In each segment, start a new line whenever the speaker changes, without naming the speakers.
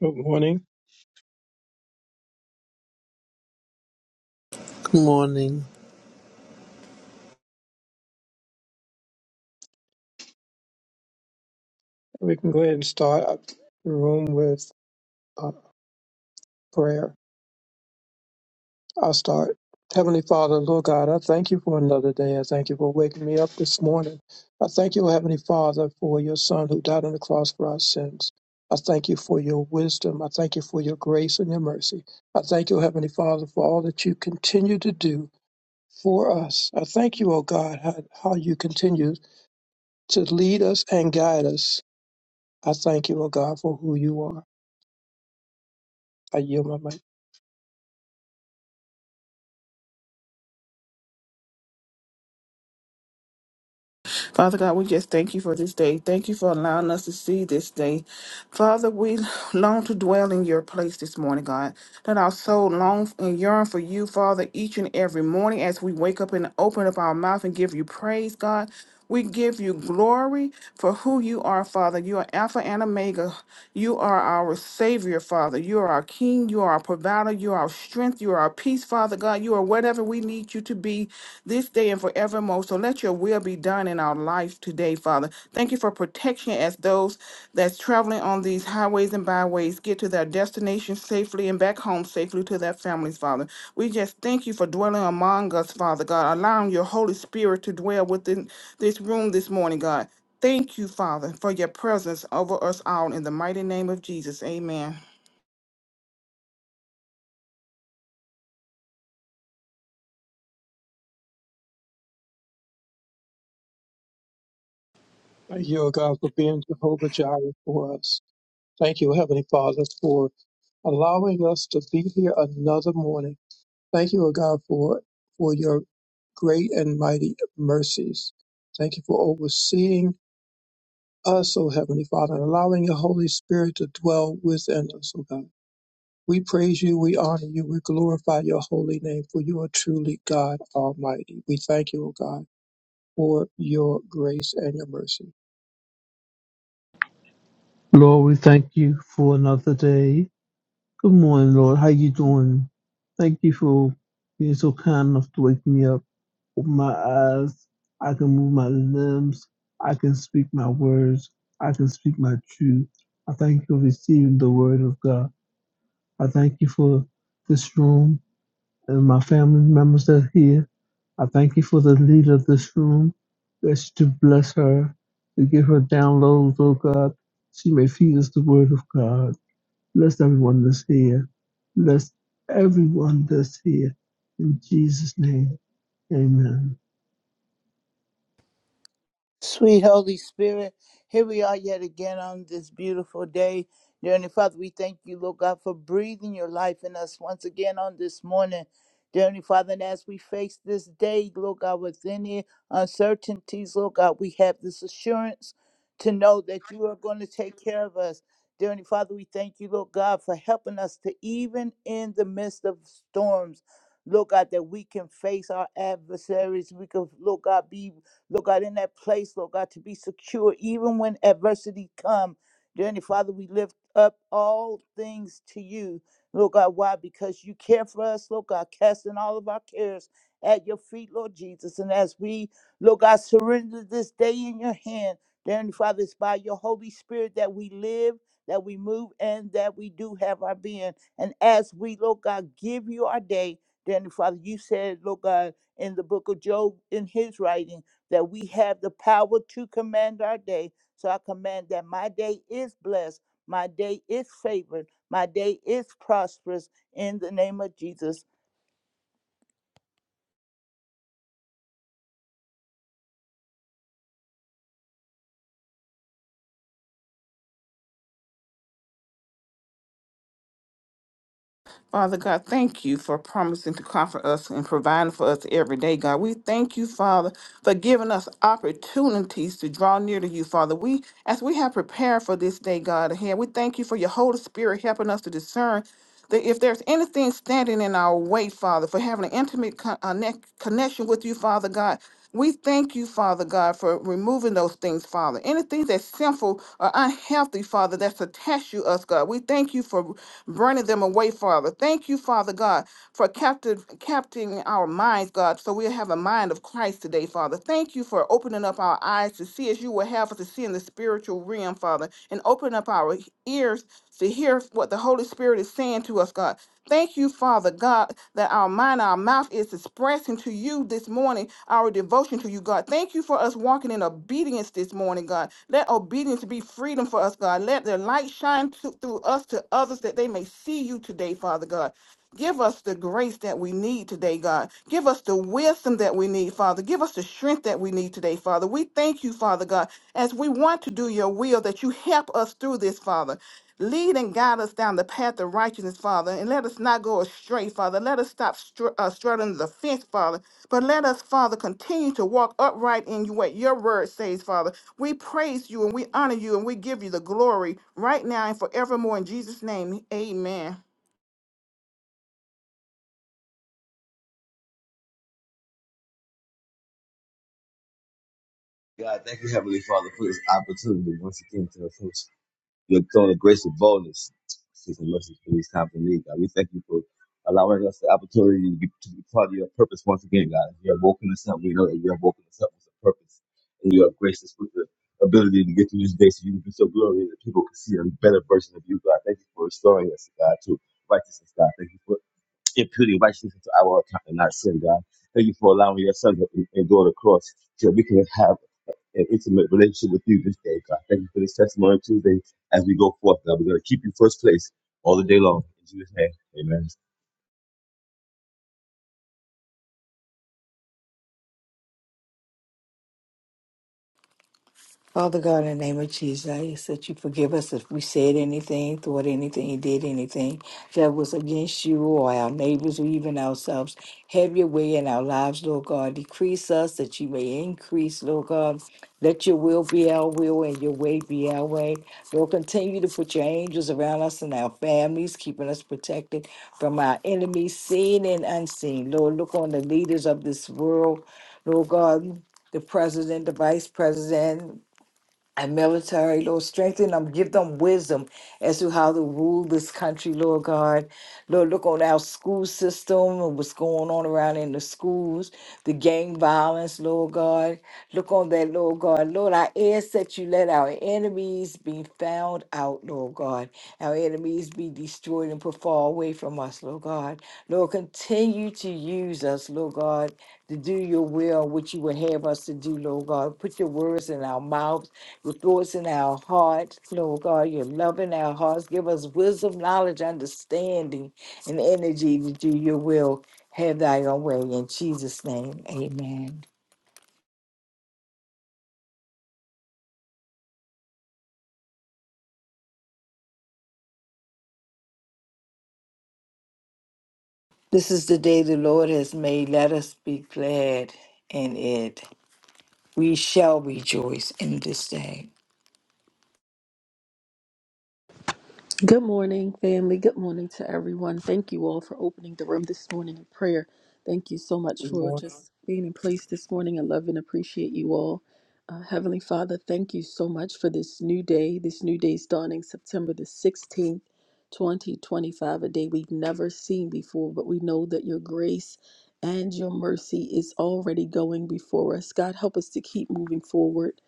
Good morning.
Good morning.
We can go ahead and start up the room with uh, prayer. I'll start. Heavenly Father, Lord God, I thank you for another day. I thank you for waking me up this morning. I thank you, Heavenly Father, for your Son who died on the cross for our sins. I thank you for your wisdom. I thank you for your grace and your mercy. I thank you, Heavenly Father, for all that you continue to do for us. I thank you, O God, how, how you continue to lead us and guide us. I thank you, O God, for who you are. I yield my mic.
Father God, we just thank you for this day. Thank you for allowing us to see this day. Father, we long to dwell in your place this morning, God. Let our soul long and yearn for you, Father, each and every morning as we wake up and open up our mouth and give you praise, God. We give you glory for who you are, Father. You are Alpha and Omega. You are our Savior, Father. You are our King. You are our provider. You are our strength. You are our peace, Father God. You are whatever we need you to be this day and forevermore. So let your will be done in our life today, Father. Thank you for protection as those that's traveling on these highways and byways get to their destination safely and back home safely to their families, Father. We just thank you for dwelling among us, Father God, allowing your Holy Spirit to dwell within this room this morning, God. Thank you, Father, for your presence over us all in the mighty name of Jesus. Amen.
Thank you, O God, for being Jehovah Jireh for us. Thank you, Heavenly Father, for allowing us to be here another morning. Thank you, O God, for for your great and mighty mercies. Thank you for overseeing us, O Heavenly Father, and allowing your Holy Spirit to dwell within us, O God. We praise you, we honor you, we glorify your holy name, for you are truly God Almighty. We thank you, O God, for your grace and your mercy.
Lord, we thank you for another day. Good morning, Lord. How you doing? Thank you for being so kind enough to wake me up. Open my eyes. I can move my limbs. I can speak my words. I can speak my truth. I thank you for receiving the word of God. I thank you for this room. and my family members that are here. I thank you for the leader of this room. Bless you to bless her, to give her downloads, oh God. She may feed us the word of God. Bless everyone that's here. Bless everyone that's here. In Jesus' name, amen.
Sweet Holy Spirit, here we are yet again on this beautiful day. Dear Heavenly Father, we thank you, Lord God, for breathing your life in us once again on this morning. Dear Heavenly Father, and as we face this day, Lord God, with any uncertainties, Lord God, we have this assurance to know that you are going to take care of us. Dear Heavenly Father, we thank you, Lord God, for helping us to even in the midst of storms. Lord God, that we can face our adversaries. We can, Lord God, be Lord God, in that place, Lord God, to be secure even when adversity come. Dear Heavenly Father, we lift up all things to you. Lord God, why? Because you care for us, Lord God, casting all of our cares at your feet, Lord Jesus. And as we, Lord God, surrender this day in your hand, dear Heavenly Father, it's by your Holy Spirit that we live, that we move, and that we do have our being. And as we, Lord God, give you our day, dear Heavenly Father, you said, Lord God, in the book of Job, in his writing that we have the power to command our day. So I command that my day is blessed, my day is favored, my day is prosperous in the name of Jesus.
Father God, thank you for promising to comfort us and providing for us every day, God. We thank you, Father, for giving us opportunities to draw near to you, Father. We, as we have prepared for this day, God, ahead, we thank you for your Holy Spirit helping us to discern that if there's anything standing in our way, Father, for having an intimate con- uh, ne- connection with you, Father God, we thank you, Father God, for removing those things, Father. Anything that's sinful or unhealthy, Father, that's attached to us, God. We thank you for burning them away, Father. Thank you, Father God, for captive, capturing our minds, God, so we'll have a mind of Christ today, Father. Thank you for opening up our eyes to see as you will have us to see in the spiritual realm, Father, and open up our ears to hear what the Holy Spirit is saying to us, God. Thank you, Father God, that our mind, our mouth is expressing to you this morning our devotion to you, God. Thank you for us walking in obedience this morning, God. Let obedience be freedom for us, God. Let the light shine th- through us to others that they may see you today, Father God. Give us the grace that we need today, God. Give us the wisdom that we need, Father. Give us the strength that we need today, Father. We thank you, Father God, as we want to do your will, that you help us through this, Father. Lead and guide us down the path of righteousness, Father, and let us not go astray, Father. Let us stop str- uh, straddling the fence, Father. But let us, Father, continue to walk upright in what your word says, Father. We praise you and we honor you and we give you the glory right now and forevermore in Jesus' name. Amen.
God, thank you, Heavenly Father, for this opportunity once again to approach your throne of grace and boldness. Season mercy for this time to lead, God. We thank you for allowing us the opportunity to be, to be part of your purpose once again, God. You have woken us up. We know that you have woken us up with a purpose. And you have graced us with the ability to get through this day so you can be so glorious that people can see a better version of you, God. Thank you for restoring us, God, to righteousness, God. Thank you for imputing righteousness to our account and not sin, God. Thank you for allowing your son to endure the cross so we can have an intimate relationship with you this day, God. Thank you for this testimony Tuesday as we go forth, God. We're going to keep you first place all the day long. In Jesus' name, amen.
Father God, in the name of Jesus, I ask that you forgive us if we said anything, thought anything, did anything that was against you or our neighbors or even ourselves. Have your way in our lives, Lord God. Decrease us that you may increase, Lord God. Let your will be our will and your way be our way. Lord, continue to put your angels around us and our families, keeping us protected from our enemies, seen and unseen. Lord, look on the leaders of this world, Lord God the president, the vice president and military, Lord. Strengthen them, give them wisdom as to how to rule this country, Lord God. Lord, look on our school system and what's going on around in the schools, the gang violence, Lord God. Look on that, Lord God. Lord, I ask that you let our enemies be found out, Lord God. Our enemies be destroyed and put far away from us, Lord God. Lord, continue to use us, Lord God, to do your will, which you would have us to do, Lord God. Put your words in our mouths Restore us in our hearts, Lord God, your love in our hearts. Give us wisdom, knowledge, understanding, and energy to do your will. Have thy own way. In Jesus' name, amen. This is the day the Lord has made. Let us be glad in it. We shall rejoice in this day.
Good morning, family. Good morning to everyone. Thank you all for opening the room this morning in prayer. Thank you so much
Good
for
morning,
just being in place this morning. I love and appreciate you all. Uh, Heavenly Father, thank you so much for this new day. This new day's dawning September the 16th, 2025, a day we've never seen before, but we know that your grace and your mercy is already going before us. God, help us to keep moving forward.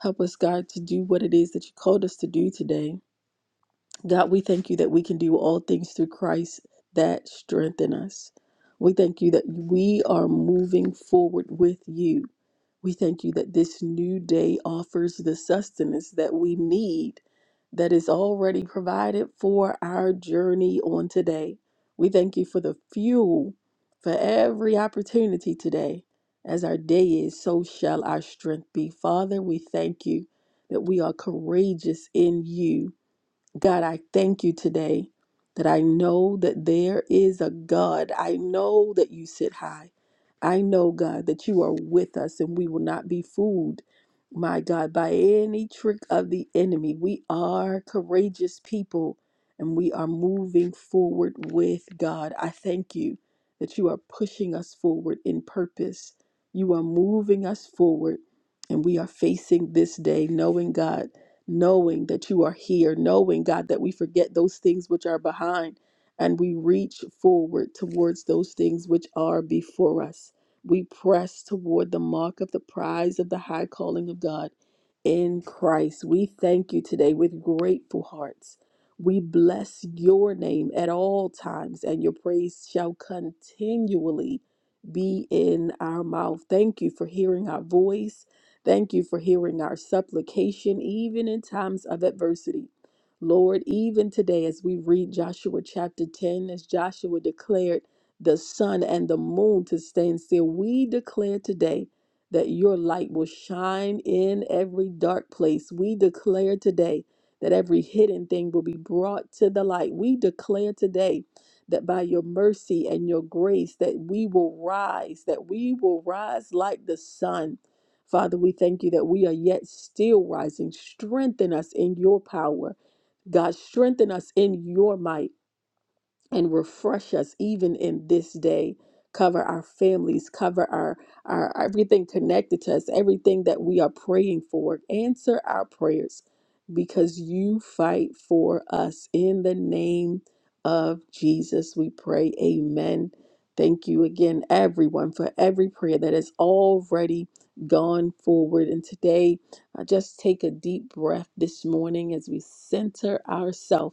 Help us, God, to do what it is that you called us to do today. God, we thank you that we can do all things through Christ that strengthen us. We thank you that we are moving forward with you. We thank you that this new day offers the sustenance that we need that is already provided for our journey on today. We thank you for the fuel for every opportunity today. As our day is, so shall our strength be. Father, we thank you that we are courageous in you God, I thank you today that I know that there is a God. I know that you sit high. I know, God, that you are with us and we will not be fooled, my God, by any trick of the enemy. We are courageous people and we are moving forward with God. I thank you that you are pushing us forward in purpose. You are moving us forward and we are facing this day knowing, God knowing that you are here, knowing, God, that we forget those things which are behind and we reach forward towards those things which are before us. We press toward the mark of the prize of the high calling of God in Christ. We thank you today with grateful hearts. We bless your name at all times, and your praise shall continually be in our mouth. Thank you for hearing our voice. Thank you for hearing our supplication, even in times of adversity. Lord, even today, as we read Joshua chapter 10, as Joshua declared the sun and the moon to stand still, we declare today that your light will shine in every dark place. We declare today that every hidden thing will be brought to the light. We declare today that by your mercy and your grace that we will rise, that we will rise like the sun Father, we thank you that we are yet still rising. Strengthen us in your power. God, strengthen us in your might and refresh us even in this day cover our families cover our, our everything connected to us everything that we are praying for answer our prayers because you fight for us in the name of jesus we pray amen thank you again everyone for every prayer that has already gone forward and today uh, just take a deep breath this morning as we center ourselves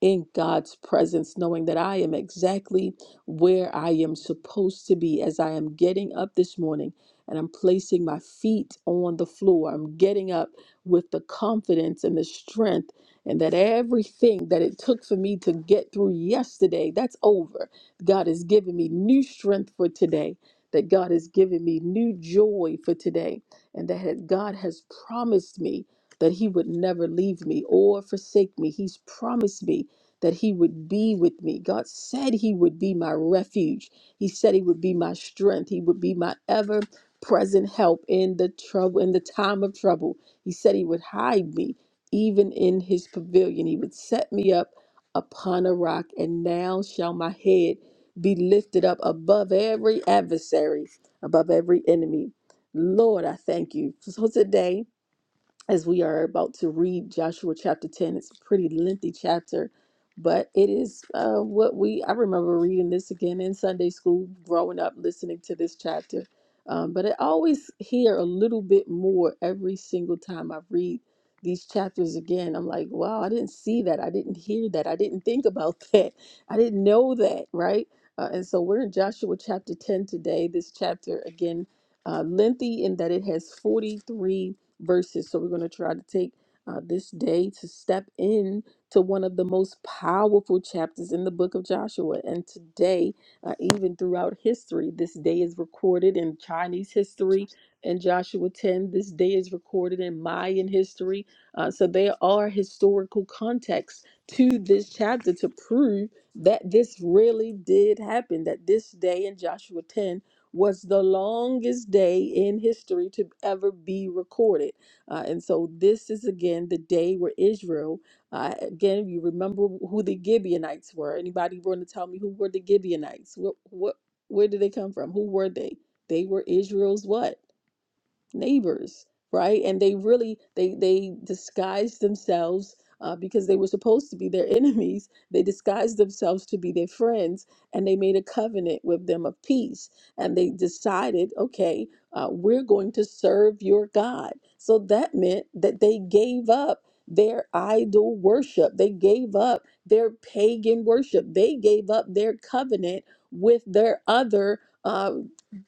in God's presence, knowing that I am exactly where I am supposed to be as I am getting up this morning and I'm placing my feet on the floor. I'm getting up with the confidence and the strength, and that everything that it took for me to get through yesterday, that's over. God has given me new strength for today. That God has given me new joy for today, and that God has promised me that He would never leave me or forsake me. He's promised me that He would be with me. God said He would be my refuge. He said He would be my strength. He would be my ever present help in the trouble, in the time of trouble. He said He would hide me even in His pavilion. He would set me up upon a rock, and now shall my head be lifted up above every adversary, above every enemy. Lord, I thank you for today as we are about to read Joshua chapter 10. It's a pretty lengthy chapter, but it is uh, what we, I remember reading this again in Sunday school growing up, listening to this chapter. Um, but I always hear a little bit more every single time I read these chapters again. I'm like, wow, I didn't see that. I didn't hear that. I didn't think about that. I didn't know that, right? Uh, and so we're in Joshua chapter 10 today. This chapter, again, uh, lengthy in that it has 43 verses. So we're going to try to take uh, this day to step in to one of the most powerful chapters in the book of Joshua. And today, uh, even throughout history, this day is recorded in Chinese history in Joshua 10. This day is recorded in Mayan history. Uh, so there are historical contexts to this chapter to prove that this really did happen, that this day in Joshua 10 was the longest day in history to ever be recorded. Uh, and so this is again the day where Israel, uh, again, you remember who the Gibeonites were. Anybody want to tell me who were the Gibeonites? What, what, where did they come from? Who were they? They were Israel's what? neighbors right and they really they they disguised themselves uh, because they were supposed to be their enemies they disguised themselves to be their friends and they made a covenant with them of peace and they decided okay uh, we're going to serve your god so that meant that they gave up their idol worship they gave up their pagan worship they gave up their covenant with their other uh,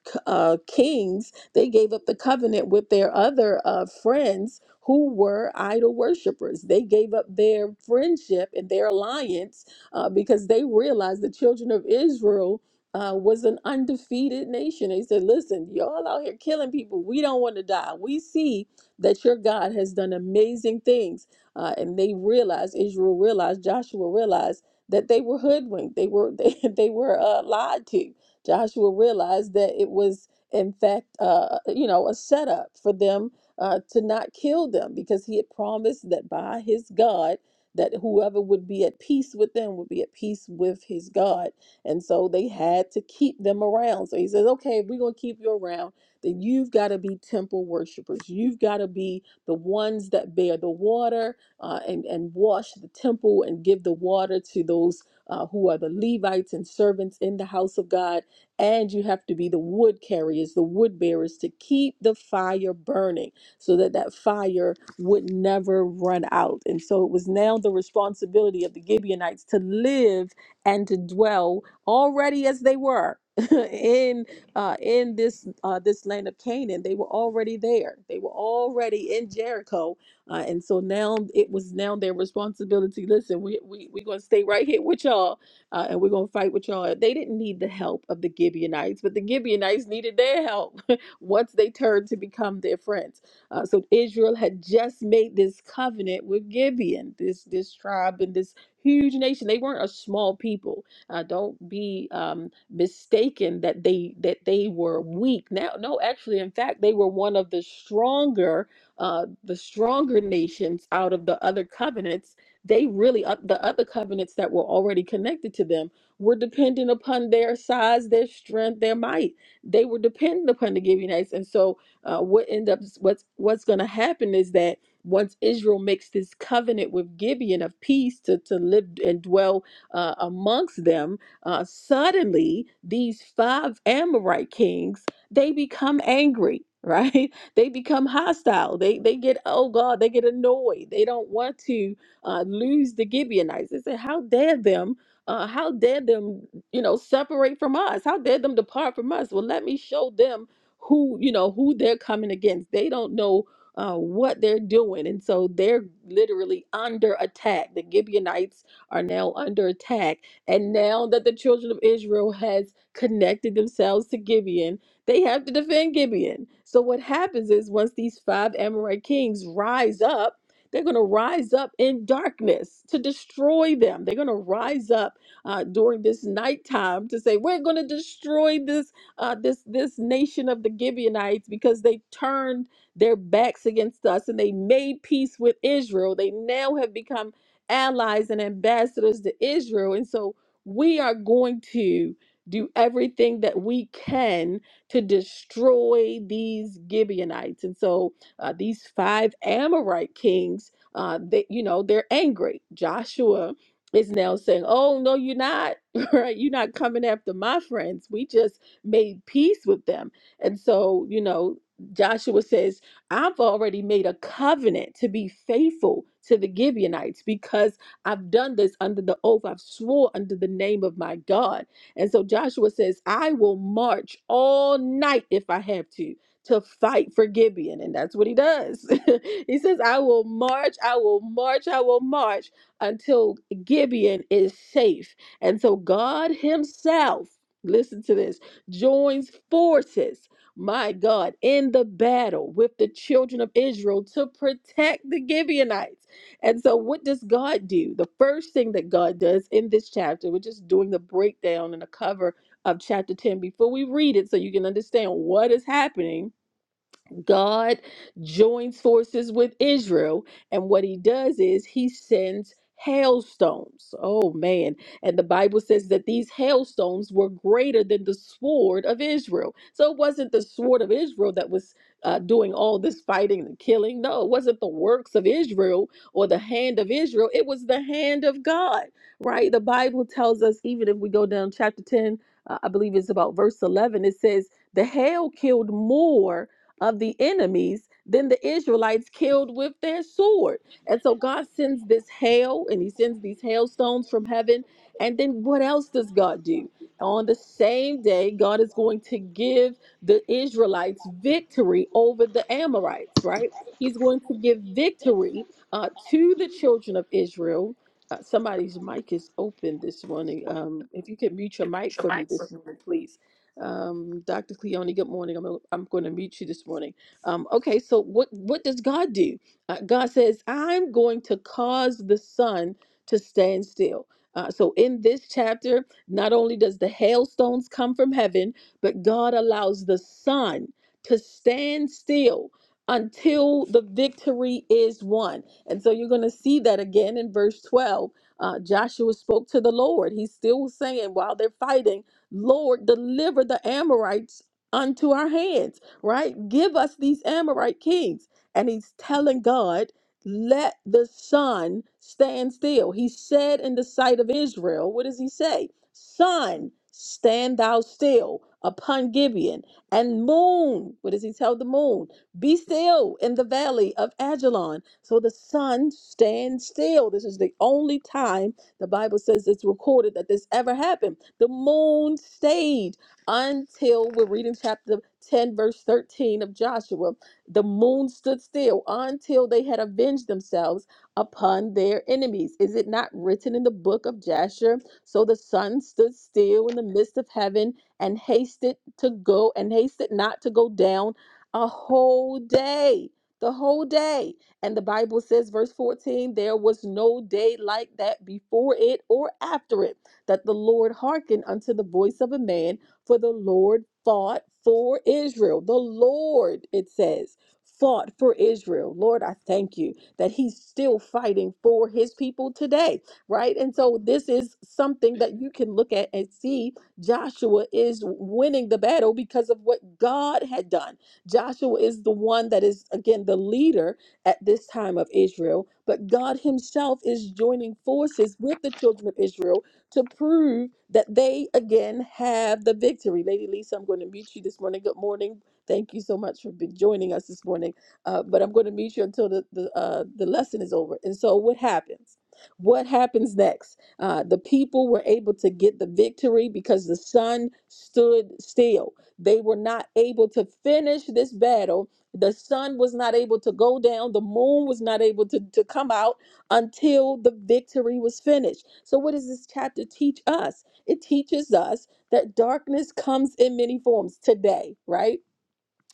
c- uh, kings they gave up the covenant with their other uh, friends who were idol worshipers. They gave up their friendship and their alliance uh, because they realized the children of Israel. Uh, was an undefeated nation. They said, Listen, y'all out here killing people. We don't want to die. We see that your God has done amazing things. Uh, and they realized, Israel realized, Joshua realized that they were hoodwinked. They were they, they were uh, lied to. Joshua realized that it was in fact, uh, you know, a setup for them uh, to not kill them because he had promised that by his God, that whoever would be at peace with them would be at peace with his God. And so they had to keep them around. So he says, okay, if we're going to keep you around, then you've got to be temple worshipers. You've got to be the ones that bear the water uh, and, and wash the temple and give the water to those uh, who are the Levites and servants in the house of God and you have to be the wood carriers, the wood bearers to keep the fire burning so that that fire would never run out. And so it was now the responsibility of the Gibeonites to live and to dwell already as they were in uh, in this uh, this land of Canaan. They were already there. They were already in Jericho, uh, and so now it was now their responsibility. Listen, we we we are gonna stay right here with y'all uh, and we're going to fight with y'all. They didn't need the help of the Gibeonites, but the Gibeonites needed their help once they turned to become their friends. Uh, so Israel had just made this covenant with Gibeon, this this tribe and this huge nation. They weren't a small people. Uh, don't be um, mistaken that they that they were weak. Now, no, actually, in fact, they were one of the stronger uh, the stronger nations out of the other covenants they really up the other covenants that were already connected to them were dependent upon their size, their strength, their might. They were dependent upon the Gibeonites, and so uh, what end up what's what's going to happen is that once Israel makes this covenant with Gibeon of peace to to live and dwell uh, amongst them, uh, suddenly these five Amorite kings they become angry, right? They become hostile. They they get oh god, they get annoyed. They don't want to uh, lose the Gibeonites. They said, How dare them? Uh, how dare them, you know, separate from us? How dare them depart from us? Well, let me show them who, you know, who they're coming against. They don't know uh, what they're doing. And so they're literally under attack. The Gibeonites are now under attack. And now that the children of Israel has connected themselves to Gibeon, they have to defend Gibeon. So what happens is once these five Amorite kings rise up, they're going to rise up in darkness to destroy them. They're going to rise up uh, during this nighttime to say, "We're going to destroy this uh, this this nation of the Gibeonites because they turned their backs against us and they made peace with Israel. They now have become allies and ambassadors to Israel, and so we are going to." Do everything that we can to destroy these Gibeonites. And so uh, these five Amorite kings, uh, that you know, they're angry. Joshua is now saying, "Oh no, you're not. Right? You're not coming after my friends. We just made peace with them." And so, you know, Joshua says, "I've already made a covenant to be faithful to the Gibeonites because I've done this under the oath. I've swore under the name of my God." And so Joshua says, I will march all night if I have to to fight for Gibeon. And that's what he does. he says, I will march, I will march, I will march until Gibeon is safe. And so God Himself, listen to this, joins forces, my God, in the battle with the children of Israel to protect the Gibeonites. And so, what does God do? The first thing that God does in this chapter, we're just doing the breakdown and the cover of chapter 10 before we read it so you can understand what is happening God joins forces with Israel, and what he does is he sends hailstones. Oh man. And the Bible says that these hailstones were greater than the sword of Israel. So it wasn't the sword of Israel that was uh, doing all this fighting and killing. No, it wasn't the works of Israel or the hand of Israel. It was the hand of God, right? The Bible tells us, even if we go down chapter 10, uh, I believe it's about verse 11, it says, The hail killed more of the enemies than the Israelites killed with their sword. And so God sends this hail and he sends these hailstones from heaven. And then what else does God do? On the same day, God is going to give the Israelites victory over the Amorites, right? He's going to give victory uh, to the children of Israel. Uh, somebody's mic is open this morning. Um, if you could mute your mic for me this morning, please. Um, Dr. Cleone, good morning. I'm, I'm going to meet you this morning. Um, okay, so what, what does God do? Uh, God says, I'm going to cause the sun to stand still. Uh, so in this chapter, not only does the hailstones come from heaven, but God allows the sun to stand still until the victory is won. And so you're going to see that again in verse 12. Uh, Joshua spoke to the Lord. He's still saying while they're fighting. Lord, deliver the Amorites unto our hands, right? Give us these Amorite kings. And he's telling God, let the sun stand still. He said in the sight of Israel, what does he say? Sun, stand thou still upon Gibeon. And moon, what does he tell the moon? Be still in the valley of Ajalon. So the sun stands still. This is the only time the Bible says it's recorded that this ever happened. The moon stayed until we're reading chapter 10, verse 13 of Joshua. The moon stood still until they had avenged themselves upon their enemies. Is it not written in the book of Jasher? So the sun stood still in the midst of heaven and hasted to go and hasted not to go down a whole day. The whole day. And the Bible says, verse 14, there was no day like that before it or after it, that the Lord hearkened unto the voice of a man, for the Lord fought for Israel. The Lord, it says, fought for Israel. Lord, I thank you that he's still fighting for his people today, right? And so this is something that you can look at and see Joshua is winning the battle because of what God had done. Joshua is the one that is, again, the leader at this time of Israel, but God Himself is joining forces with the children of Israel to prove that they again have the victory. Lady Lisa, I'm going to mute you this morning. Good morning. Thank you so much for be- joining us this morning. Uh, but I'm going to mute you until the, the, uh, the lesson is over. And so, what happens? What happens next? Uh, the people were able to get the victory because the sun stood still. They were not able to finish this battle the sun was not able to go down, the moon was not able to, to come out until the victory was finished. So, what does this chapter teach us? It teaches us that darkness comes in many forms today, right?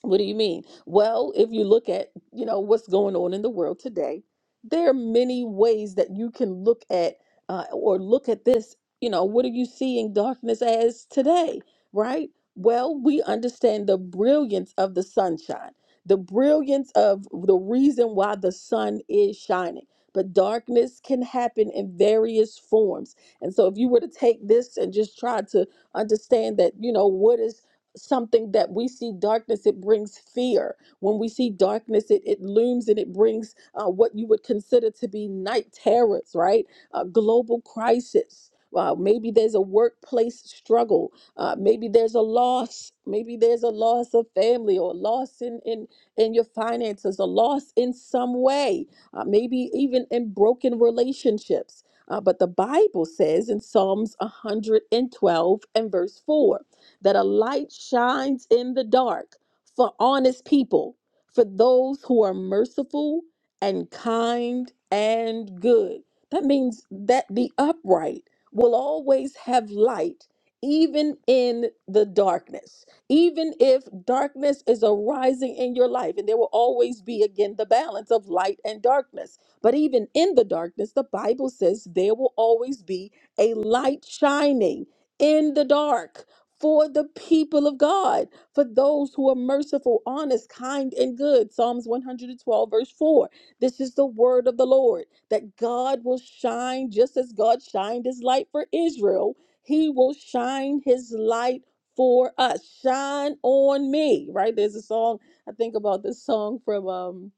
What do you mean? Well, if you look at, you know, what's going on in the world today, there are many ways that you can look at uh, or look at this, you know, what are you seeing darkness as today, right? Well, we understand the brilliance of the sunshine, the brilliance of the reason why the sun is shining. But darkness can happen in various forms. And so if you were to take this and just try to understand that, you know, what is something that we see darkness it brings fear when we see darkness it, it looms and it brings uh, what you would consider to be night terrors right a global crisis Wow, maybe there's a workplace struggle. Uh, maybe there's a loss. Maybe there's a loss of family or a loss in, in, in your finances, a loss in some way, uh, maybe even in broken relationships. Uh, but the Bible says in Psalms 112 and verse 4 that a light shines in the dark for honest people, for those who are merciful and kind and good. That means that the upright will always have light, even in the darkness. Even if darkness is arising in your life, and there will always be, again, the balance of light and darkness. But even in the darkness, the Bible says there will always be a light shining in the dark for the people of God, for those who are merciful, honest, kind, and good. Psalms 112, verse 4. This is the word of the Lord that God will shine just as God shined his light for Israel. He will shine his light for us. Shine on me, right? There's a song, I think about this song from um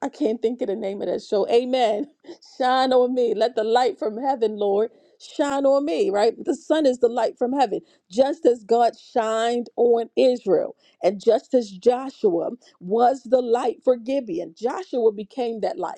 I can't think of the name of that show. Amen. Shine on me. Let the light from heaven, Lord, shine on me, right? The sun is the light from heaven, just as God shined on Israel, and just as Joshua was the light for Gibeon. Joshua became that light.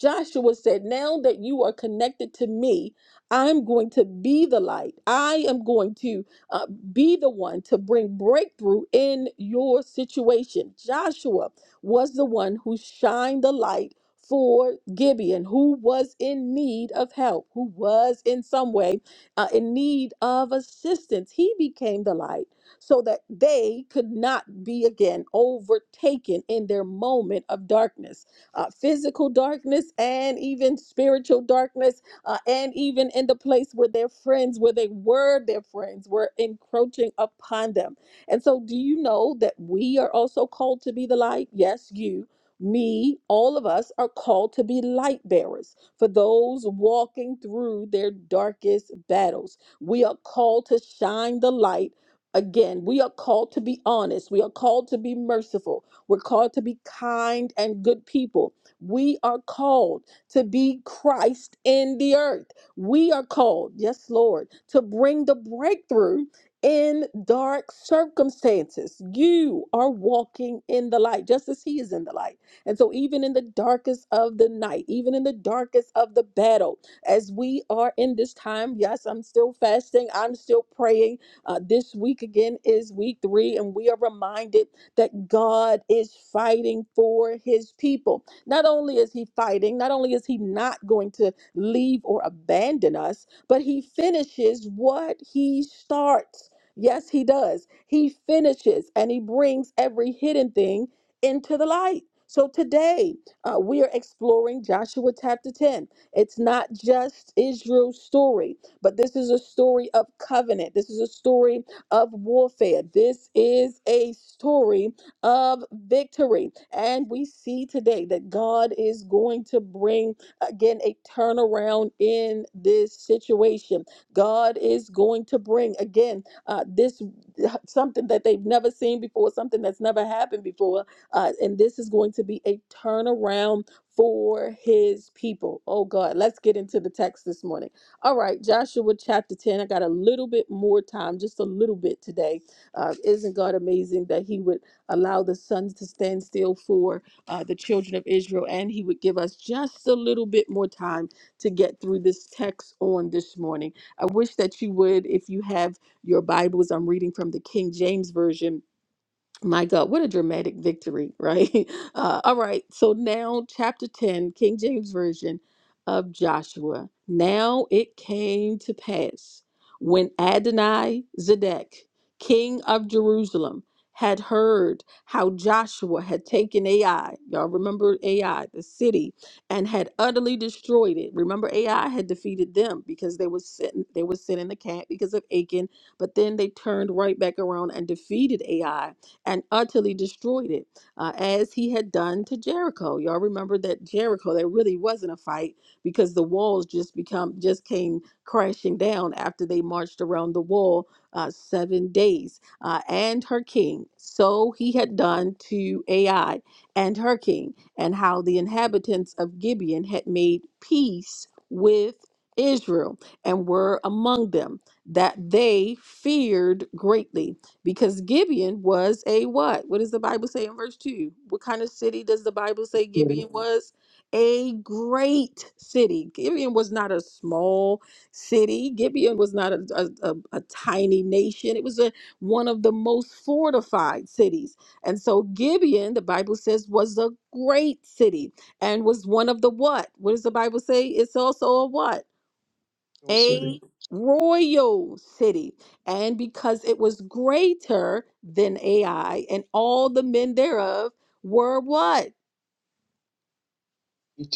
Joshua said, Now that you are connected to me, I'm going to be the light. I am going to uh, be the one to bring breakthrough in your situation. Joshua was the one who shined the light for Gibeon, who was in need of help, who was in some way uh, in need of assistance. He became the light so that they could not be again overtaken in their moment of darkness uh, physical darkness and even spiritual darkness, uh, and even in the place where their friends, where they were their friends, were encroaching upon them. And so, do you know that we are also called to be the light? Yes, you. Me, all of us are called to be light bearers for those walking through their darkest battles. We are called to shine the light again. We are called to be honest. We are called to be merciful. We're called to be kind and good people. We are called to be Christ in the earth. We are called, yes, Lord, to bring the breakthrough in dark circumstances. You are walking in the light, just as He is in the light. And so, even in the darkest of the night, even in the darkest of the battle, as we are in this time, yes, I'm still fasting, I'm still praying. Uh, this week again is week three, and we are reminded that God is fighting for his people. Not only is he fighting, not only is he not going to leave or abandon us, but he finishes what he starts. Yes, he does. He finishes and he brings every hidden thing into the light. So today uh, we are exploring Joshua chapter 10. It's not just Israel's story, but this is a story of covenant. This is a story of warfare. This is a story of victory. And we see today that God is going to bring again a turnaround in this situation. God is going to bring again uh, this something that they've never seen before, something that's never happened before. Uh, and this is going to be a turnaround for his people. Oh God, let's get into the text this morning. All right, Joshua chapter 10. I got a little bit more time, just a little bit today. Uh, isn't God amazing that He would allow the sun to stand still for uh, the children of Israel and He would give us just a little bit more time to get through this text on this morning? I wish that you would, if you have your Bibles, I'm reading from the King James Version my God, what a dramatic victory, right? Uh, all right, so now, chapter 10, King James Version of Joshua. Now it came to pass when Adonai Zedek, king of Jerusalem, had heard how Joshua had taken Ai. Y'all remember Ai, the city, and had utterly destroyed it. Remember, Ai had defeated them because they were sitting, they were sitting in the camp because of Achan, but then they turned right back around and defeated Ai and utterly destroyed it, uh, as he had done to Jericho. Y'all remember that Jericho, there really wasn't a fight because the walls just become just came crashing down after they marched around the wall uh, seven days. Uh, and her king, so he had done to Ai and her king, and how the inhabitants of Gibeon had made peace with Israel and were among them, that they feared greatly because Gibeon was a what? What does the Bible say in verse 2? What kind of city does the Bible say
city.
Gibeon was? A great city. Gibeon was not a small city. Gibeon was not a, a, a, a tiny nation. It was a, one of the most fortified cities. And so Gibeon, the Bible says, was a great city and was one of the what? What does the Bible say? It's also a what?
Hill City.
a royal city, and because it was greater than Ai, and all the men thereof were what?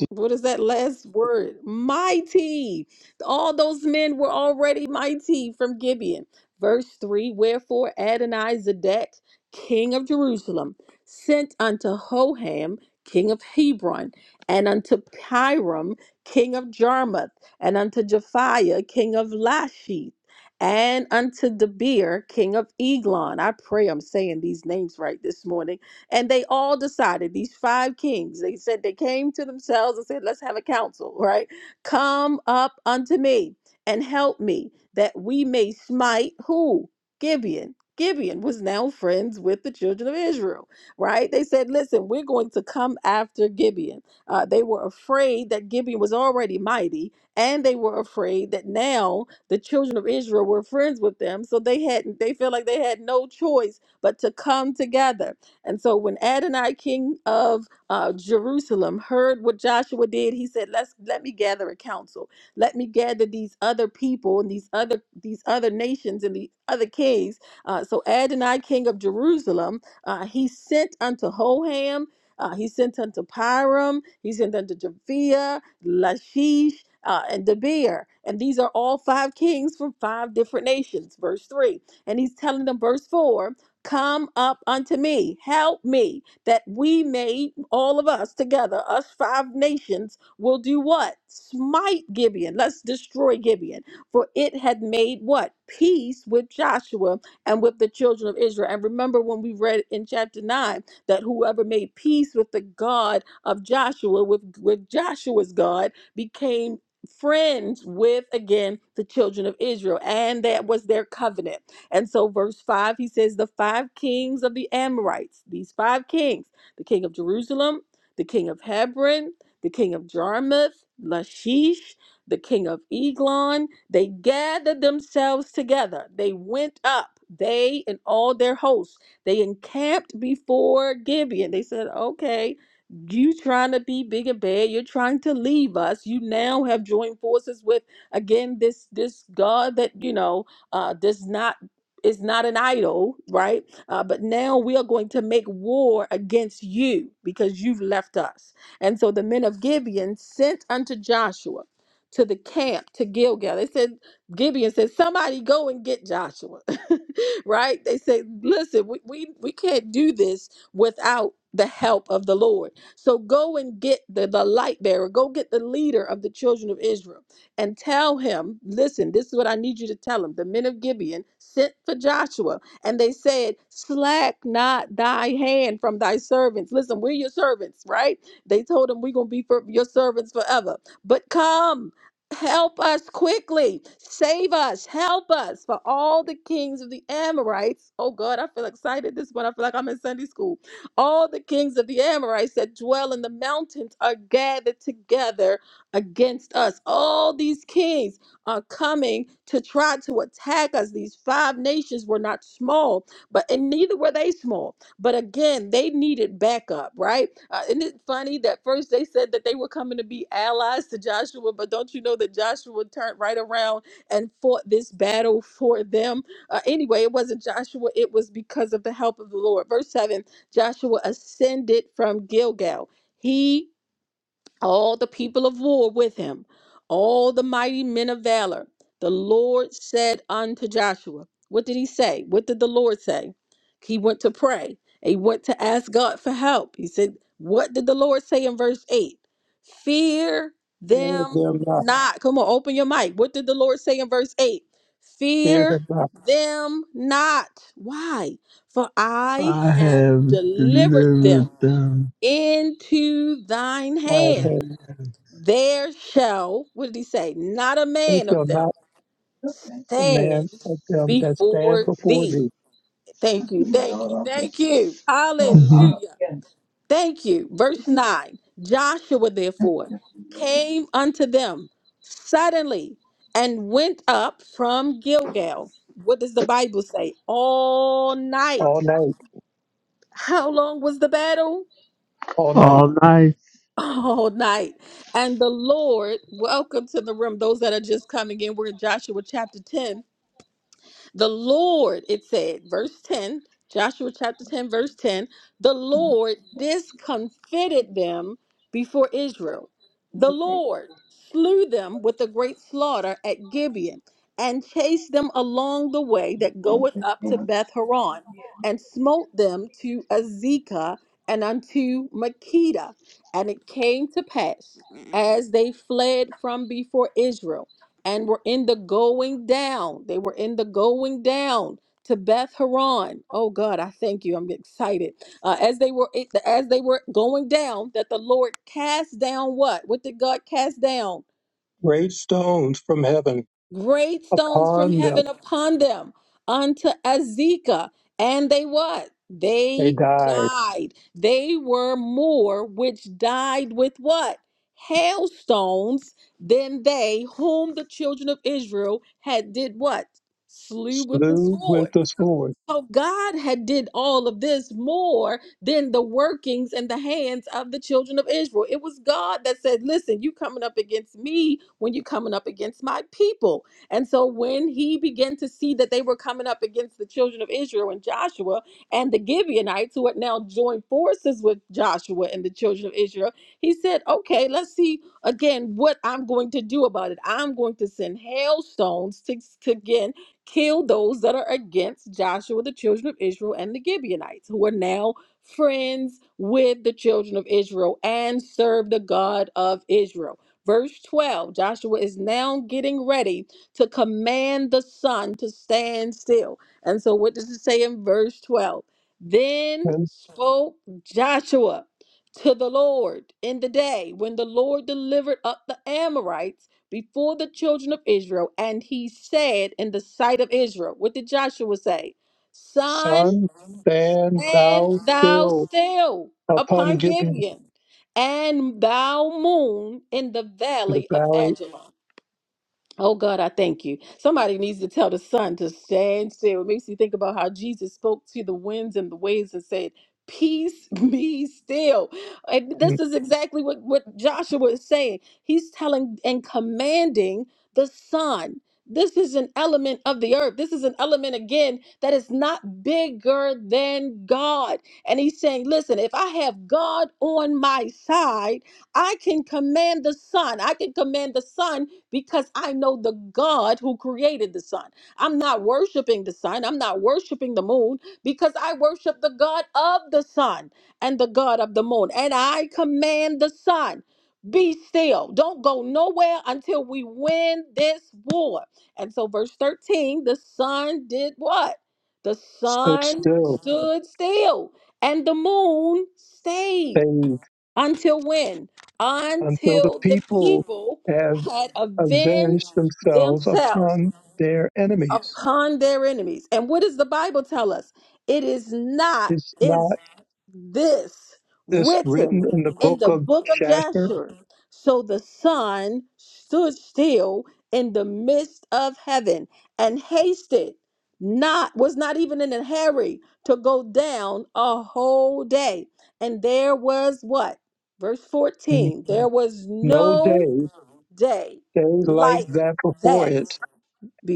what is that last word? Mighty. All those men were already mighty from Gibeon. Verse 3 Wherefore Adonai Zedek, king of Jerusalem, sent unto Hoham, king of Hebron, and unto Piram, king of Jarmuth, and unto Japhiah, king of Lachish, and unto Debir, king of Eglon. I pray I'm saying these names right this morning and they all decided, these five kings, they said they came to themselves and said, Let's have a council, right? Come up unto me and help me that we may smite who? Gibeon. Gibeon was now friends with the children of Israel, right? They said, Listen, we're going to come after Gibeon. Uh, they were afraid that Gibeon was already mighty, and they were afraid that now the children of Israel were friends with them. So they had they felt like they had no choice but to come together. And so when Adonai, king of uh, Jerusalem, heard what Joshua did, he said, "Let's let me gather a council. Let me gather these other people and these other these other nations and the other kings." Uh, so Adonai, king of Jerusalem, uh, he sent unto Hoham. Uh, he sent unto Piram, he sent unto Japhia, Lachish, uh, and Debir. And these are all five kings from five different nations, verse 3. And he's telling them, verse 4, Come up unto me, help me, that we may, all of us together, us five nations, will do what? Smite Gibeon. Let's destroy Gibeon. For it had made what? Peace with Joshua and with the children of Israel. And remember when we read in chapter 9 that whoever made peace with the God of Joshua, with, with Joshua's God, became friends with, again, the children of Israel. And that was their covenant. And so, verse 5, he says, The five kings of the Amorites, these five kings, the king of Jerusalem, the king of Hebron, the king of Jarmuth, Lachish, the king of Eglon, they gathered themselves together. They went up, they and all their hosts. They encamped before Gibeon. They said, Okay, you trying to be big and bad. You're trying to leave us. You now have joined forces with again this this God that you know uh, does not is not an idol, right? Uh, but now we are going to make war against you because you've left us. And so the men of Gibeon sent unto Joshua to the camp to Gilgal. They said, Gibeon said, somebody go and get Joshua, right? They said, listen, we, we, we can't do this without the help of the Lord. So go and get the, the light bearer, go get the leader of the children of Israel and tell him, listen, this is what I need you to tell him. The men of Gibeon sent for Joshua, and they said, Slack not thy hand from thy servants. Listen, we're your servants, right? They told him, We're going to be for your servants forever. But come, help us quickly, save us, help us. For all the kings of the Amorites, oh God, I feel excited. This one, I feel like I'm in Sunday school. All the kings of the Amorites that dwell in the mountains are gathered together against us. All these kings are coming to try to attack us. These five nations were not small, but and neither were they small. But again, they needed backup, right? Uh, isn't it funny that first they said that they were coming to be allies to Joshua, but don't you know that Joshua turned right around and fought this battle for them? Uh, anyway, it wasn't Joshua, it was because of the help of the Lord. Verse 7 Joshua ascended from Gilgal. He all the people of war with him, all the mighty men of valor. The Lord said unto Joshua, What did he say? What did the Lord say? He went to pray. He went to ask God for help. He said, What did the Lord say in verse 8? Fear
Fear
them
them not,
not. Come on, open your mic. What did the Lord say in verse 8?
fear
Fear
them not,
them not. Why? For I
I
have
have
delivered
delivered
them
them.
into thine
my
hand.
head.
There shall, what did he say? Not a
They
man
shall
of them
not demand
stand
of them that stand
before
before
thee.
thee
Thank you, thank you, thank you. Hallelujah.
Mhm.
Thank you. Verse 9 Joshua therefore came unto them suddenly and went up from Gilgal. What does the Bible say? All
all
night.
night,
How long was the battle?
all night.
All night
all night. And the Lord, welcome to the room. Those that are just coming in, we're in Joshua chapter 10 the Lord, it said, verse 10, Joshua chapter 10, verse 10, the Lord discomfited them before Israel. The Lord slew them with a great slaughter at Gibeon and chased them along the way that goeth up to Beth Horon and smote them to Azekah and unto Makeda. And it came to pass as they fled from before Israel and were in the going down. They were in the going down to Beth Horon. Oh God, I thank you. I'm excited. Uh, as they were as they were going down, that the Lord cast down what? What did God cast down?
Great stones from heaven
Great stones from
upon them
heaven upon them unto Azekah. And they what?
they
They
died,
died. They were more which died with what? Hailstones than they whom the children of Israel had did what? Slew with the
slew
sword.
with the sword.
So God had did all of this more than the workings and the hands of the children of Israel. It was God that said, "Listen, you coming up against me when you coming up against my people." And so when he began to see that they were coming up against the children of Israel and Joshua and the Gibeonites who had now joined forces with Joshua and the children of Israel, he said, "Okay, let's see again what I'm going to do about it. I'm going to send hailstones to, to again kill those that are against Joshua, the children of Israel, and the Gibeonites, who are now friends with the children of Israel and serve the God of Israel. Verse 12 Joshua is now getting ready to command the sun to stand still. And so, what does it say in verse 12? Then
And
spoke Joshua to the Lord in the day when the Lord delivered up the Amorites before the children of Israel, and he said in the sight of Israel, What did Joshua say? Son,
sun, stand
stand
thou
thou
still
still
upon
upon
Gibeon.
Gibeon, and thou moon in the
The
valley of
valley
Ajalon. Oh God, I thank you. Somebody needs to tell the sun to stand still. It makes you think about how Jesus spoke to the winds and the waves and said, Peace be still. And
mm,
this is exactly what, what Joshua is saying. He's telling and commanding the sun. This is an element of the earth. This is an element again that is not bigger than God. And he's saying, Listen, if I have God on my side, I can command the sun. I can command the sun because I know the God who created the sun. I'm not worshiping the sun. I'm not worshiping the moon because I worship the God of the sun and the God of the moon. And I command the sun. Be still. Don't go nowhere until we win this war. And so, verse 13, the sun did what? The
stood
sun
still,
stood still and the moon stayed
saved,
until when?
until the
Until the
people
people
have
had
avenged
avenged
themselves
themselves
upon their enemies.
upon their enemies. And what does the Bible tell us? It is not.
Is
it's
not.
this
This written
written
in the
in
book
the
of
book of
Jasher,
Jasher. So the sun stood still in the midst of heaven and hasted not was not even in a hurry to go down a whole day. And there was what? Verse
"N-
14. There was
no
no
day,
day
days like
like
that before
that
it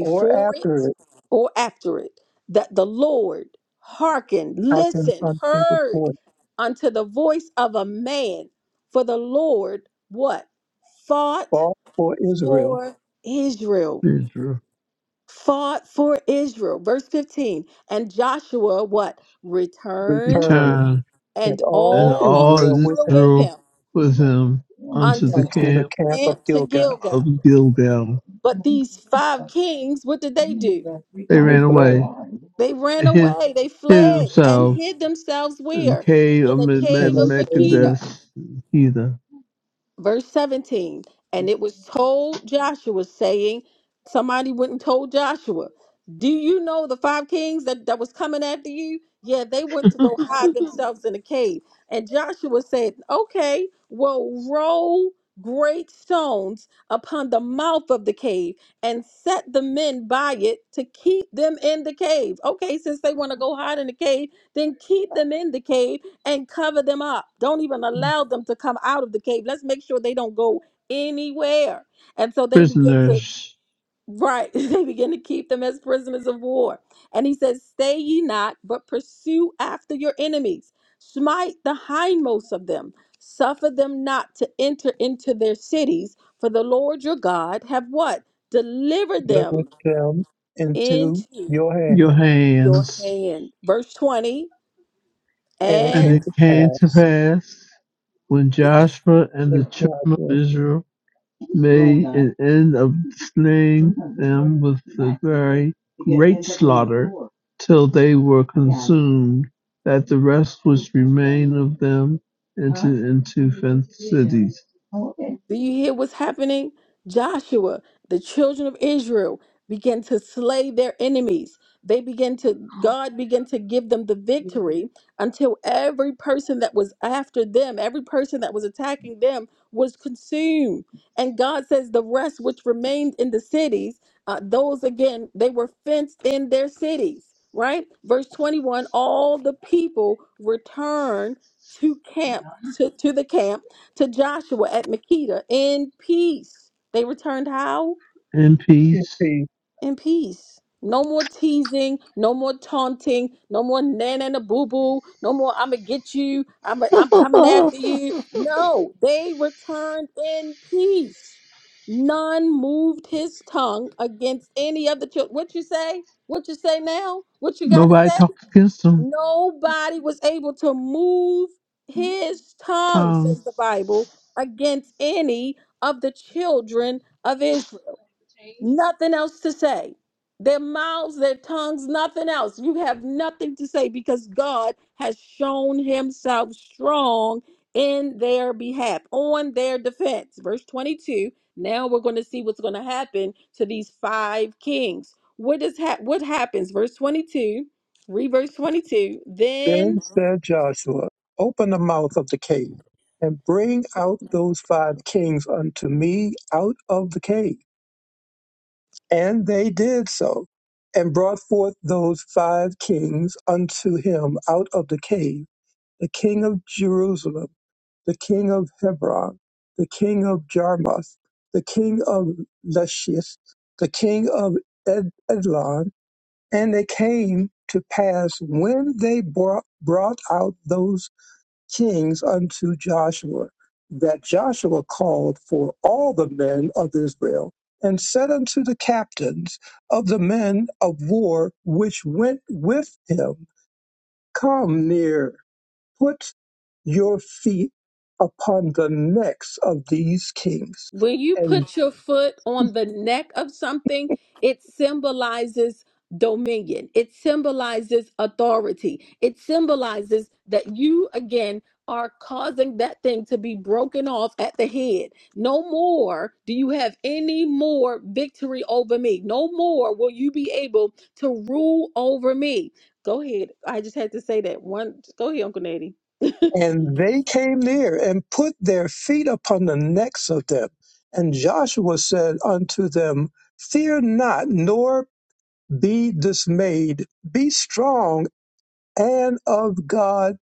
or after it,
or after it, that the Lord hearkened,
I can
listened,
unto the
heard
fourth.
unto the voice of a man. For the Lord, what? Fought
Fought for Israel,
for Israel.
Israel
Fought for Israel. Verse 15. And Joshua, what? Returned
returned,
returned,
and
and
and
all
all
all
Israel with
Israel
him
with
Israel
him
with him unto the
unto the
unto
camp.
the camp of
camp to
Gilgal.
Gilgal.
of Gilgal.
But these five kings, what did they do?
They
They
ran away.
fled,
They
They
ran
hid,
away. They
hid
fled and
themselves
hid themselves
in the
where?
cave of
In a
and
cave
they
of
came
Makeda
Megiddus, Heather.
verse 17 and it was told joshua saying somebody went and told joshua do you know the five kings that, that was coming after you yeah they went to go hide themselves in a cave and joshua said okay well roll great stones upon the mouth of the cave and set the men by it to keep them in the cave okay since they want to go hide in the cave then keep them in the cave and cover them up. Don't even allow them to come out of the cave. Let's make sure they don't go anywhere. And so they begin to,
Prisoners,
right, they begin to keep them as prisoners of war. And he says, Stay ye not, but pursue after your enemies. Smite the hindmost of them. Suffer them not to enter into their cities, for the Lord your God have what? Delivered
delivered
them
them into
into
your hand.
your
your
hands.
hand. Verse 20.
And it
And
And
it
came to
came to
pass,
pass when Joshua and the
and God
children of
went
Israel made an end of slaying them with a very great slaughter, till they were consumed, that the rest which remained of them entered into fenced cities.
Do you hear what's happening? Joshua, the children of Israel began to slay their enemies. They began to, God began to give them the victory until every person that was after them, every person that was attacking them was consumed. And God says the rest which remained in the cities, uh, those again, they were fenced in their cities, right? Verse 21 all the people returned to camp, to, to the camp to Joshua at Makeda in peace. They returned how?
In
in
peace.
peace
In peace. No more teasing, no more taunting, no more nana and a boo boo, no more I'm gonna get you, I'm i I'm coming after you. No, they returned in peace. None moved his tongue against any of the children. What you say? What you say now? What you gotta
Nobody
say?
talked against them.
Nobody was able to move his tongue,
Tongue
says the Bible, against any of the children of Israel nothing else to say. Their mouths, their tongues, nothing else. You have nothing to say because God has shown himself strong in their behalf, on their defense. Verse 22. Now we're going to see what's going to happen to these five kings. What is hap- what happens? Verse 22. Read verse 22.
Then
Then.
said Joshua, Open the mouth of the cave, and bring out those five kings unto me out of the cave. And they did so, and brought forth those five kings unto him out of the cave the king of Jerusalem, the king of Hebron, the king of Jarmuth, the king of Lachish, the king of Ed- Edlon. And it came to pass when they brought, brought out those kings unto Joshua, that Joshua called for all the men of Israel, and said unto the captains of the men of war which went with him, Come near, put your feet upon the necks of these kings,
When you
and
put your foot on the neck of something, it symbolizes dominion, it symbolizes authority, it symbolizes that you again are causing that thing to be broken off at the head. No more do you have any more victory over me. No more will you be able to rule over me. Go ahead. I just had to say that one. Go ahead, Uncle Natty.
And they came near and put their feet upon the necks of them. And Joshua said unto them, Fear not, nor be dismayed. Be strong and of God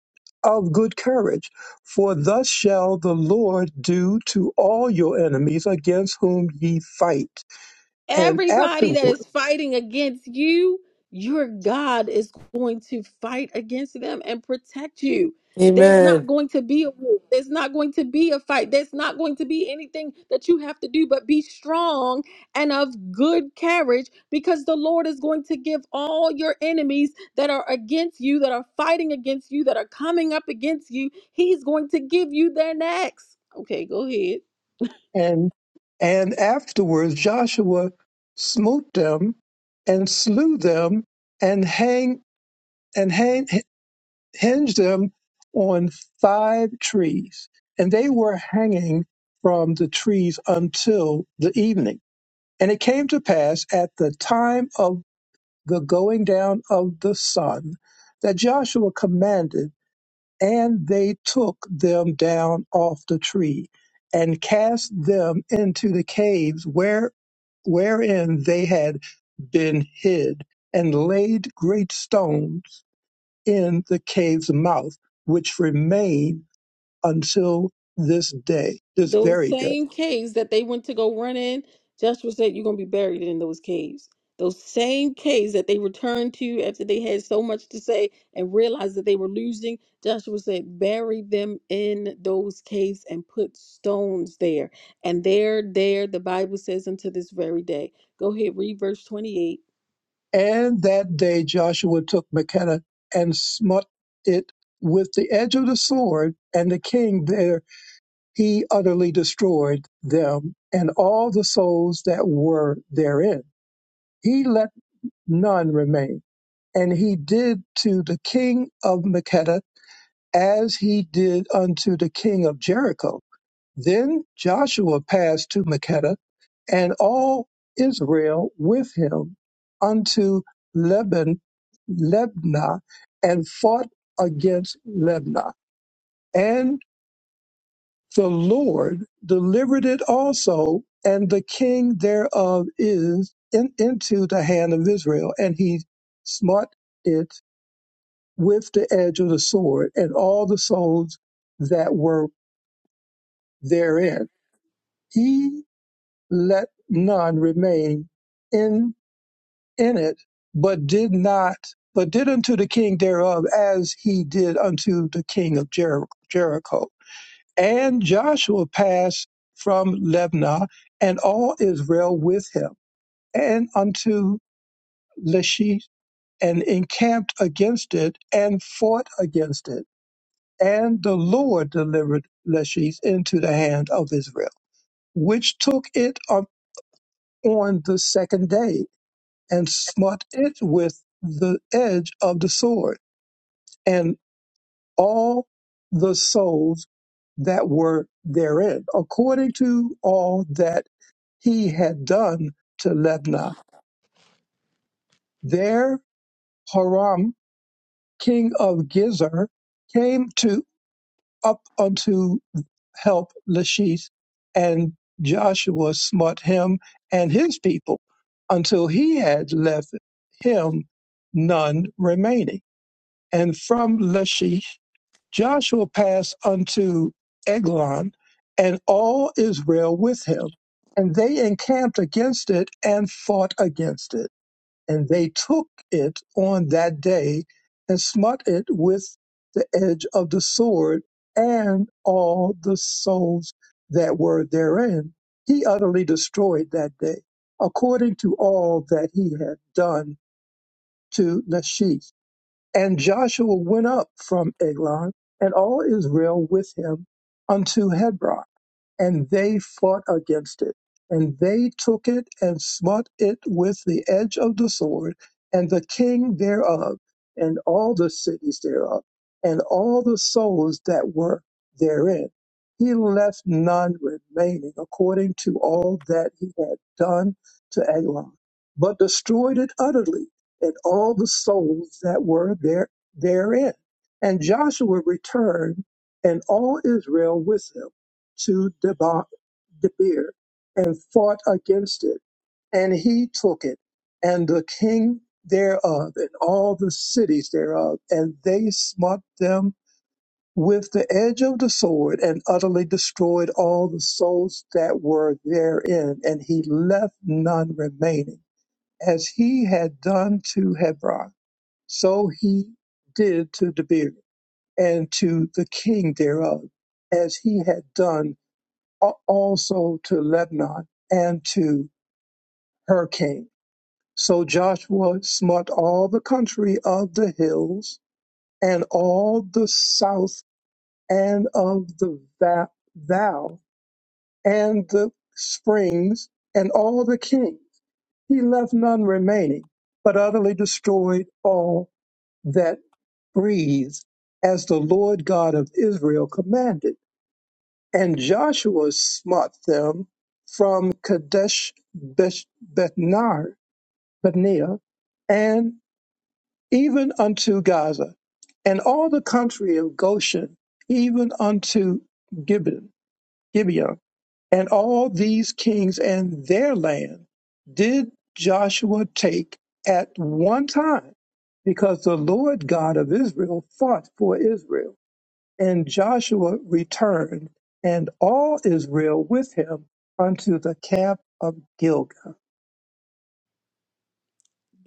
of good courage. For thus shall the Lord do to all your enemies against whom ye fight. And
Everybody that
afterward,
is fighting against you, your God is going to fight against them and protect you. There's not
Amen.
going to be a war. There's not going to be a fight. There's not going to be anything that you have to do but be strong and of good courage because the Lord is going to give all your enemies that are against you, that are fighting against you, that are coming up against you, He's going to give you their necks. Okay, go ahead.
and and afterwards Joshua smote them and slew them and hang and hang hinged them on five trees, and they were hanging from the trees until the evening. And it came to pass at the time of the going down of the sun that Joshua commanded, and they took them down off the tree and cast them into the caves where wherein they had been hid and laid great stones in the cave's mouth, which remain until this day, this
Those
very day.
same caves that they went to go run in, Joshua said, You're going to be buried in those caves. Those same caves that they returned to after they had so much to say and realized that they were losing, Joshua said, Bury them in those caves and put stones there. And they're there, the Bible says, unto this very day. Go ahead, read verse 28.
And that day Joshua took Machpelah and smote it with the edge of the sword, and the king there he utterly destroyed them and all the souls that were therein. He let none remain. And he did to the king of Makeda as he did unto the king of Jericho Then Joshua passed to Makkedah, and all Israel with him unto Leban, Lebna, and fought against Lebna. And the Lord delivered it also, and the king thereof is in, into the hand of Israel, and he smote it with the edge of the sword, and all the souls that were therein. let none remain in in it, but did not, but did unto the king thereof as he did unto the king of Jer- Jericho. And Joshua passed from Lebna, and all Israel with him, and unto Lachish, and encamped against it, and fought against it. And the Lord delivered Lachish into the hand of Israel, which took it up on the second day and smote it with the edge of the sword, and all the souls that were therein, according to all that he had done to Lebna. There Horam, king of Gezer, came to up unto help Lachish, and Joshua smote him and his people until he had left him none remaining and from Lachish Joshua passed unto Eglon, and all Israel with him. And they encamped against it and fought against it. And they took it on that day and smote it with the edge of the sword and all the souls that were therein. He utterly destroyed that day, according to all that he had done to Lachish. And Joshua went up from Eglon, and all Israel with him, unto Hebron and they fought against it. And they took it and smote it with the edge of the sword, and the king thereof, and all the cities thereof, and all the souls that were therein. He left none remaining according to all that he had done to Eglon, but destroyed it utterly, and all the souls that were there therein. And Joshua returned, and all Israel with him to Deba- Debir, and fought against it, and he took it, and the king thereof, and all the cities thereof, and they smote them with the edge of the sword, and utterly destroyed all the souls that were therein, and he left none remaining. As he had done to Hebron, so he did to Debir, and to the king thereof, as he had done al- also to Lebanon and to her king. So Joshua smote all the country of the hills and all the south and of the va- val and the springs and all the kings. He left none remaining, but utterly destroyed all that breathed as the Lord God of Israel commanded. And Joshua smote them from Kadesh Beth- Bethnar, Bethnia, and even unto Gaza, and all the country of Goshen, even unto Gibeon, Gibeon. And all these kings and their land did Joshua take at one time, because the Lord God of Israel fought for Israel. And Joshua returned, and all Israel with him, unto the camp of Gilgal.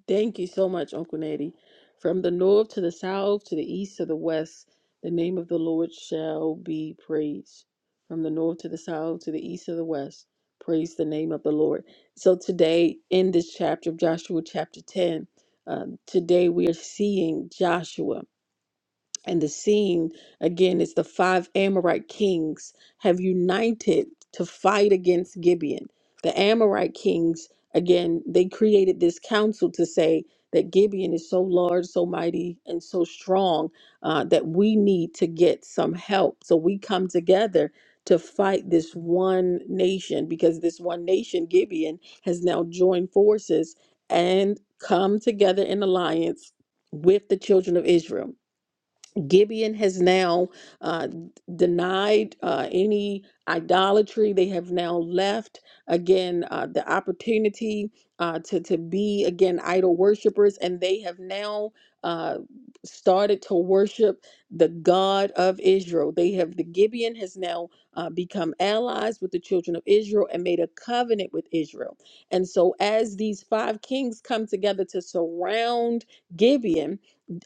Thank you so much, Uncle Natty. From the north to the south, to the east to the west, the name of the Lord shall be praised. From the north to the south, to the east to the west, praise the name of the Lord. So today, in this chapter of Joshua, chapter 10, um, today we are seeing Joshua. And the scene again is the five Amorite kings have united to fight against Gibeon. The Amorite kings, again, they created this council to say that Gibeon is so large, so mighty, and so strong uh, that we need to get some help. So we come together to fight this one nation because this one nation, Gibeon, has now joined forces and come together in alliance with the children of Israel. Gibeon has now uh, denied uh, any idolatry. They have now left again uh, the opportunity uh, to to be again idol worshippers, and they have now uh, started to worship the God of Israel. They have the Gibeon has now uh, become allies with the children of Israel and made a covenant with Israel. And so, as these five kings come together to surround Gibeon,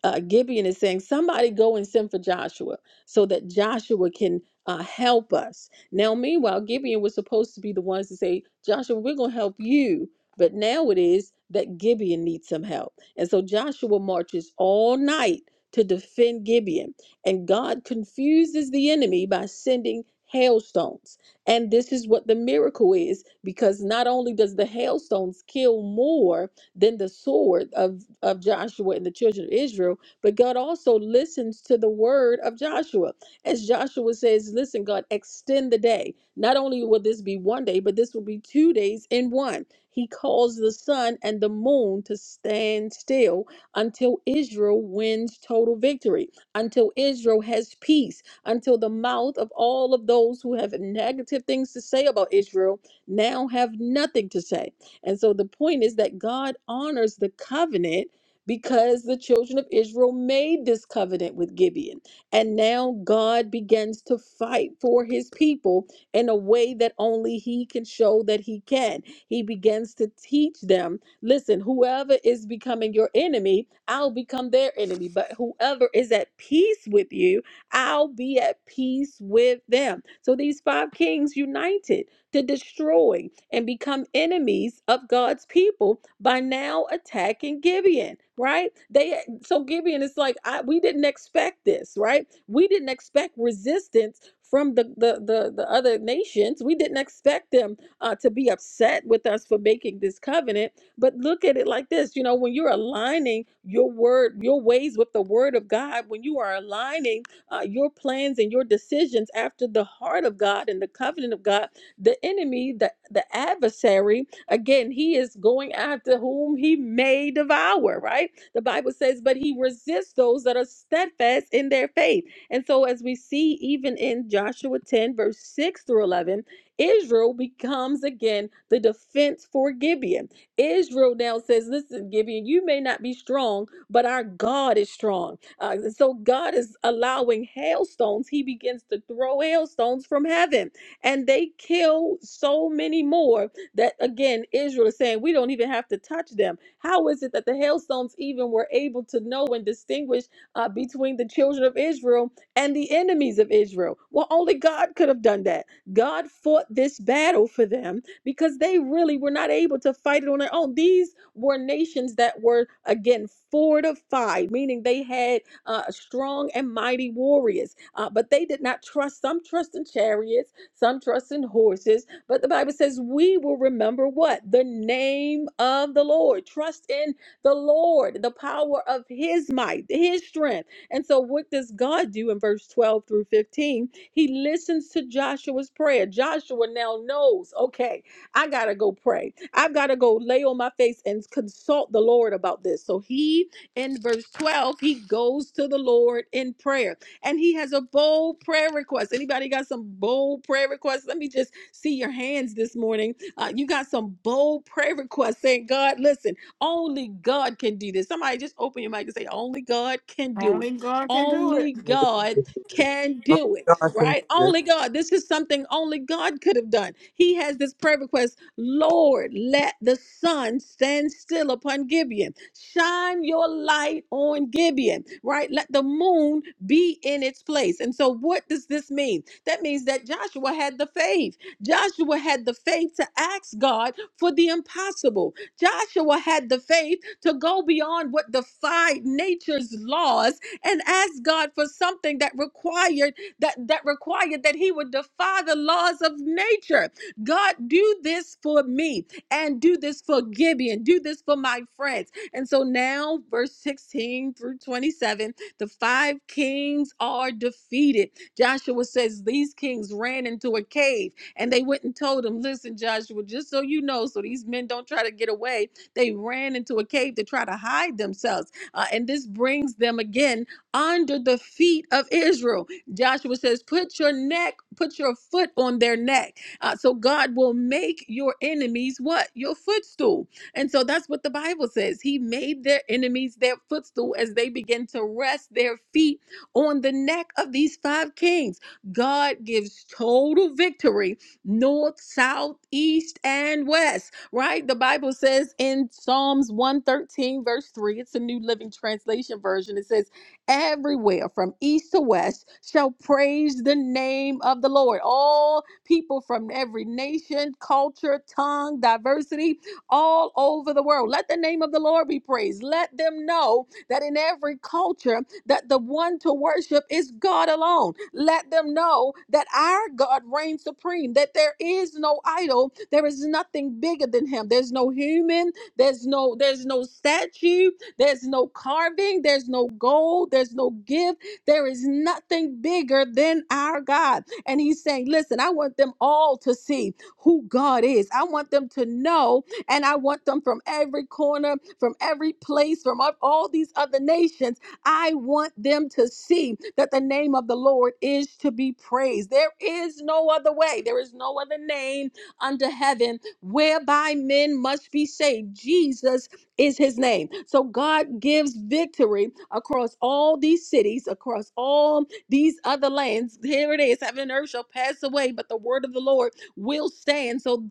uh, Gibeon is saying, somebody go and send for Joshua so that Joshua can uh, help us. Now, meanwhile, Gibeon was supposed to be the ones to say, Joshua, we're going to help you. But now it is that Gibeon needs some help. And so Joshua marches all night to defend Gibeon. And God confuses the enemy by sending hailstones. And this is what the miracle is because not only does the hailstones kill more, than the sword of, of Joshua and the children of Israel. But God also listens to the word of Joshua. As Joshua says, Listen, God, extend the day. Not only will this be one day, but this will be two days in one. He calls the sun and the moon to stand still until Israel wins total victory, until Israel has peace, until the mouth of all of those who have negative things to say about Israel now have nothing to say. And so the point is that God honors the covenant because the children of Israel made this covenant with Gibeon. And now God begins to fight for his people in a way that only he can show that he can. He begins to teach them listen, whoever is becoming your enemy, I'll become their enemy. But whoever is at peace with you, I'll be at peace with them. So these five kings united to destroy and become enemies of God's people by now attacking Gibeon, right? They so Gibeon is like, I, we didn't expect this, right? We didn't expect resistance from the the the, the other nations. We didn't expect them uh, to be upset with us for making this covenant. But look at it like this, you know, when you're aligning your word, your ways with the word of God, when you are aligning uh, your plans and your decisions after the heart of God and the covenant of God the enemy, the, the adversary, again, he is going after whom he may devour, right? The Bible says, but he resists those that are steadfast in their faith. And so, as we see even in Joshua 10, verse 6 through 11, Israel becomes again the defense for Gibeon. Israel now says, Listen, Gibeon, you may not be strong, but our God is strong. Uh, so God is allowing hailstones. He begins to throw hailstones from heaven and they killed so many more that again Israel is saying we don't even have to touch them. How is it that the hailstones even were able to know and distinguish uh, between the children of Israel and the enemies of Israel? Well, only God could have done that. God fought this battle for them because they really were not able to fight it on their own. These were nations that were again fortified, meaning they had uh, strong and mighty warriors, uh, but they did not trust. Some trust in chariots some trust in horses, but the Bible says we will remember what? The name of the Lord. Trust in the Lord, the power of his might, his strength. And so, what does God do in verse 12 through 15? He listens to Joshua's prayer. Joshua now knows, okay, I got to go pray. I've got to go lay on my face and consult the Lord about this. So, he in verse 12, he goes to the Lord in prayer and he has a bold prayer request. Anybody got some bold prayer requests? Let me just see your hands this morning. Uh, you got some bold prayer requests saying, God, listen, only God can do this. Somebody just open your mic and say, only God can do it.
Only God can do it.
Only God can
Only
do it,
God can do
right?
this.
Only God. This is something only God could have done. He has this prayer request Lord, let the sun stand still upon Gibeon. Shine your light on Gibeon, right? Let the moon be in its place. And so, what does this mean? That means that Joshua had the faith. Joshua had the faith to ask God for the impossible. Joshua had the faith to go beyond what defied nature's laws and ask God for something that required that that required that he would defy the laws of nature. God, do this for me and do this for Gibeon. Do this for my friends. And so now, verse 16 through 27 the five kings are defeated. Joshua says these kings ran into a cave and they went and told him, Listen, Joshua, just so you know, so these men don't try to get away, they ran into a cave to try to hide themselves. Uh, and this brings them again under the feet of Israel. Joshua says, Put your neck, put your foot on their neck. Uh, so God will make your enemies what? Your footstool. And so that's what the Bible says. He made their enemies their footstool as they begin to rest their feet on the neck of these five kings. God gives total victory north, south, east, and west, right? The Bible says in Psalms 113, verse 3, it's a New Living Translation version. It says, Everywhere from east to west shall praise the name of the Lord. All people from every nation, culture, tongue, diversity, all over the world. Let the name of the Lord be praised. Let them know that in every culture that the one to worship is God alone. Let them know that our God reigns supreme, that there is no idol, there is nothing bigger than him. There's no human, there's no there's no statue, there's no carving, there's no gold, there's no gift. There is nothing bigger than our God. And he's saying, "Listen, I want them all to see who God is. I want them to know and I want them from every corner, from every place, from all all these other nations. I want them to see that the name of the Lord is to be praised. There is no other way, there is no other name under heaven whereby men must be saved. Jesus is his name. So God gives victory across all these cities, across all these other lands. Here it is heaven and earth shall pass away, but the word of the Lord will stand. So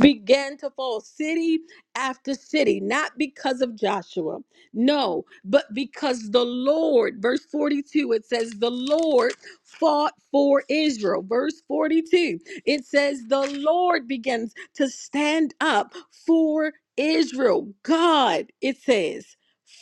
began to fall city after city, not because of Joshua, no, but because the Lord, verse 42, it says, The Lord fought for Israel. Verse 42, it says, The Lord begins to stand up for Israel. God, it says,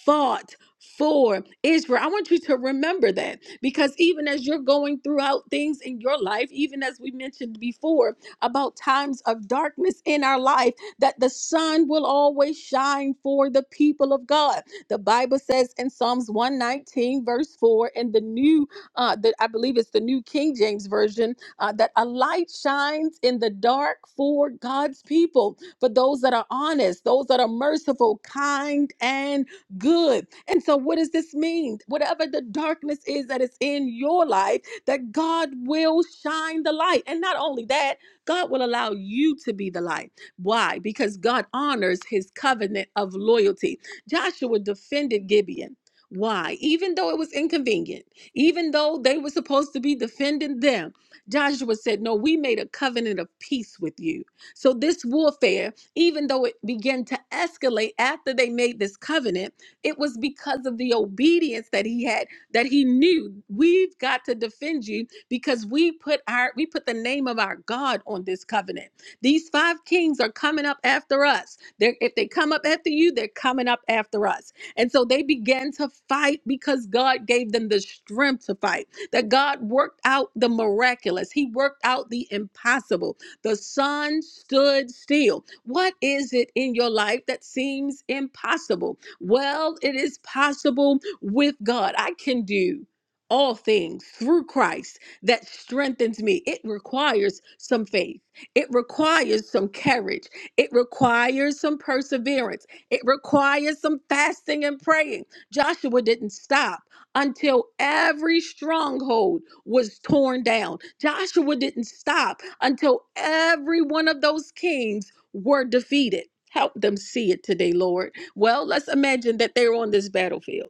fought. For Israel. I want you to remember that because even as you're going throughout things in your life, even as we mentioned before, about times of darkness in our life, that the sun will always shine for the people of God. The Bible says in Psalms 119, verse 4, in the new, uh, that I believe it's the new King James Version, uh, that a light shines in the dark for God's people, for those that are honest, those that are merciful, kind, and good. And so, what does this mean? Whatever the darkness is that is in your life, that God will shine the light. And not only that, God will allow you to be the light. Why? Because God honors his covenant of loyalty. Joshua defended Gibeon. Why? Even though it was inconvenient, even though they were supposed to be defending them, Joshua said, No, we made a covenant of peace with you. So, this warfare, even though it began to escalate after they made this covenant, it was because of the obedience that he had, that he knew we've got to defend you because we put our we put the name of our God on this covenant. These five kings are coming up after us. They're, if they come up after you, they're coming up after us. And so they began to fight because God gave them the strength to fight. That God worked out the miraculous. He worked out the impossible. The sun stood still. What is it in your life that seems impossible? Well, it is possible with God. I can do all things through Christ that strengthens me. It requires some faith, it requires some courage, it requires some perseverance, it requires some fasting and praying. Joshua didn't stop until every stronghold was torn down. Joshua didn't stop until every one of those kings were defeated. Help them see it today, Lord. Well, let's imagine that they're on this battlefield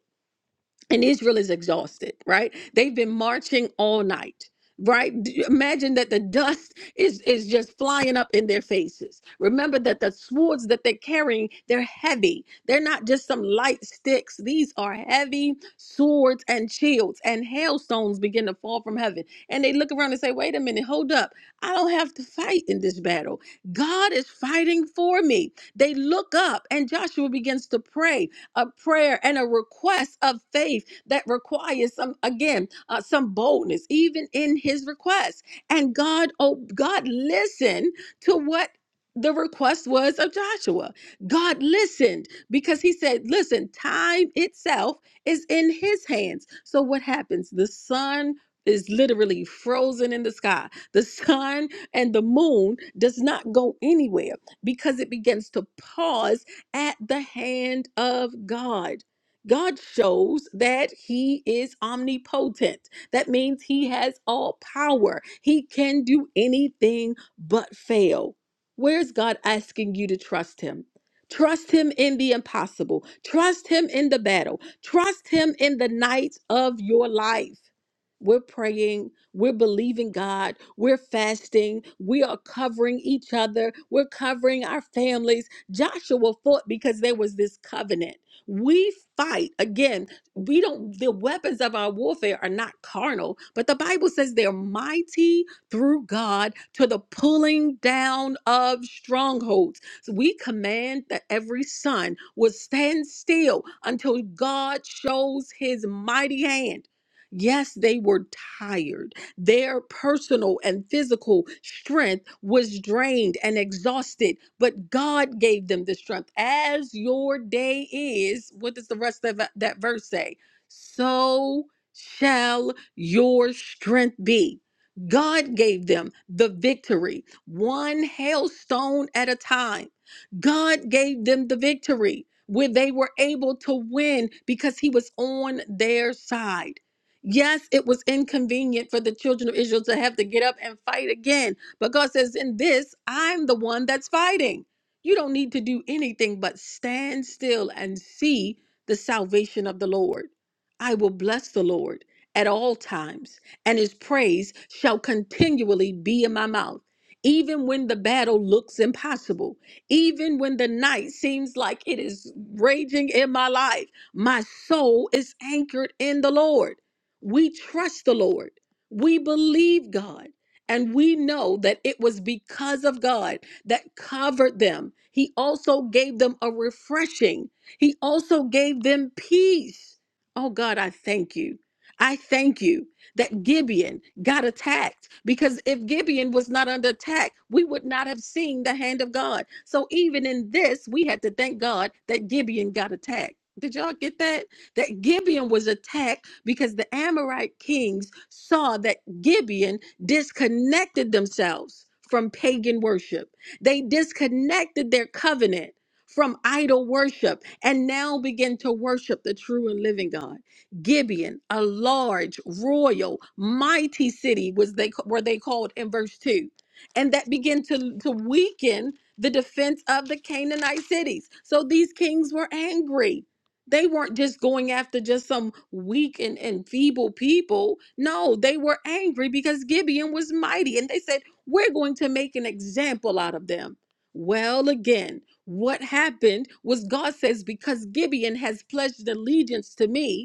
and Israel is exhausted, right? They've been marching all night, right? D- Imagine that the dust is is just flying up in their faces. Remember that the swords that they're carrying, they're heavy. They're not just some light sticks. These are heavy swords and shields, and hailstones begin to fall from heaven. And they look around and say, "Wait a minute, hold up. I don't have to fight in this battle. God is fighting for me." They look up, and Joshua begins to pray a prayer and a request of faith that requires some again uh, some boldness even in his request and god oh god listened to what the request was of Joshua. God listened because he said, Listen, time itself is in his hands. So, what happens? The sun is literally frozen in the sky. The sun and the moon does not go anywhere because it begins to pause at the hand of God. God shows that he is omnipotent. That means he has all power. He can do anything but fail. Where's God asking you to trust him? Trust him in the impossible. Trust him in the battle. Trust him in the night of your life. We're praying, we're believing God, we're fasting, we are covering each other, we're covering our families Joshua fought because there was this covenant. We fight again. We don't, the weapons of our warfare are not carnal, but the Bible says they're mighty through God to the pulling down of strongholds. So we command that every son will stand still until God shows his mighty hand. Yes, they were tired their personal and physical strength was drained and exhausted, but God gave them the strength. As your day is, what does the rest of that that verse say? So shall your strength be. God gave them the victory, one hailstone at a time. God gave them the victory where they were able to win because he was on their side. Yes, it was inconvenient for the children of Israel to have to get up and fight again. But God says, In this, I'm the one that's fighting. You don't need to do anything but stand still and see the salvation of the Lord. I will bless the Lord at all times, and his praise shall continually be in my mouth. Even when the battle looks impossible, even when the night seems like it is raging in my life, my soul is anchored in the Lord. We trust the Lord. We believe God. And we know that it was because of God that covered them. He also gave them a refreshing, He also gave them peace. Oh God, I thank you. I thank you that Gibeon got attacked because if Gibeon was not under attack, we would not have seen the hand of God. So even in this, we had to thank God that Gibeon got attacked. Did y'all get that? That Gibeon was attacked because the Amorite kings saw that Gibeon disconnected themselves from pagan worship. They disconnected their covenant from idol worship and now begin to worship the true and living God. Gibeon, a large, royal, mighty city was they were they called in verse 2. And that began to, to weaken the defense of the Canaanite cities. So these kings were angry they weren't just going after just some weak and, and feeble people. No, they were angry because Gibeon was mighty. And they said, We're going to make an example out of them. Well, again, what happened was God says, Because Gibeon has pledged allegiance to me,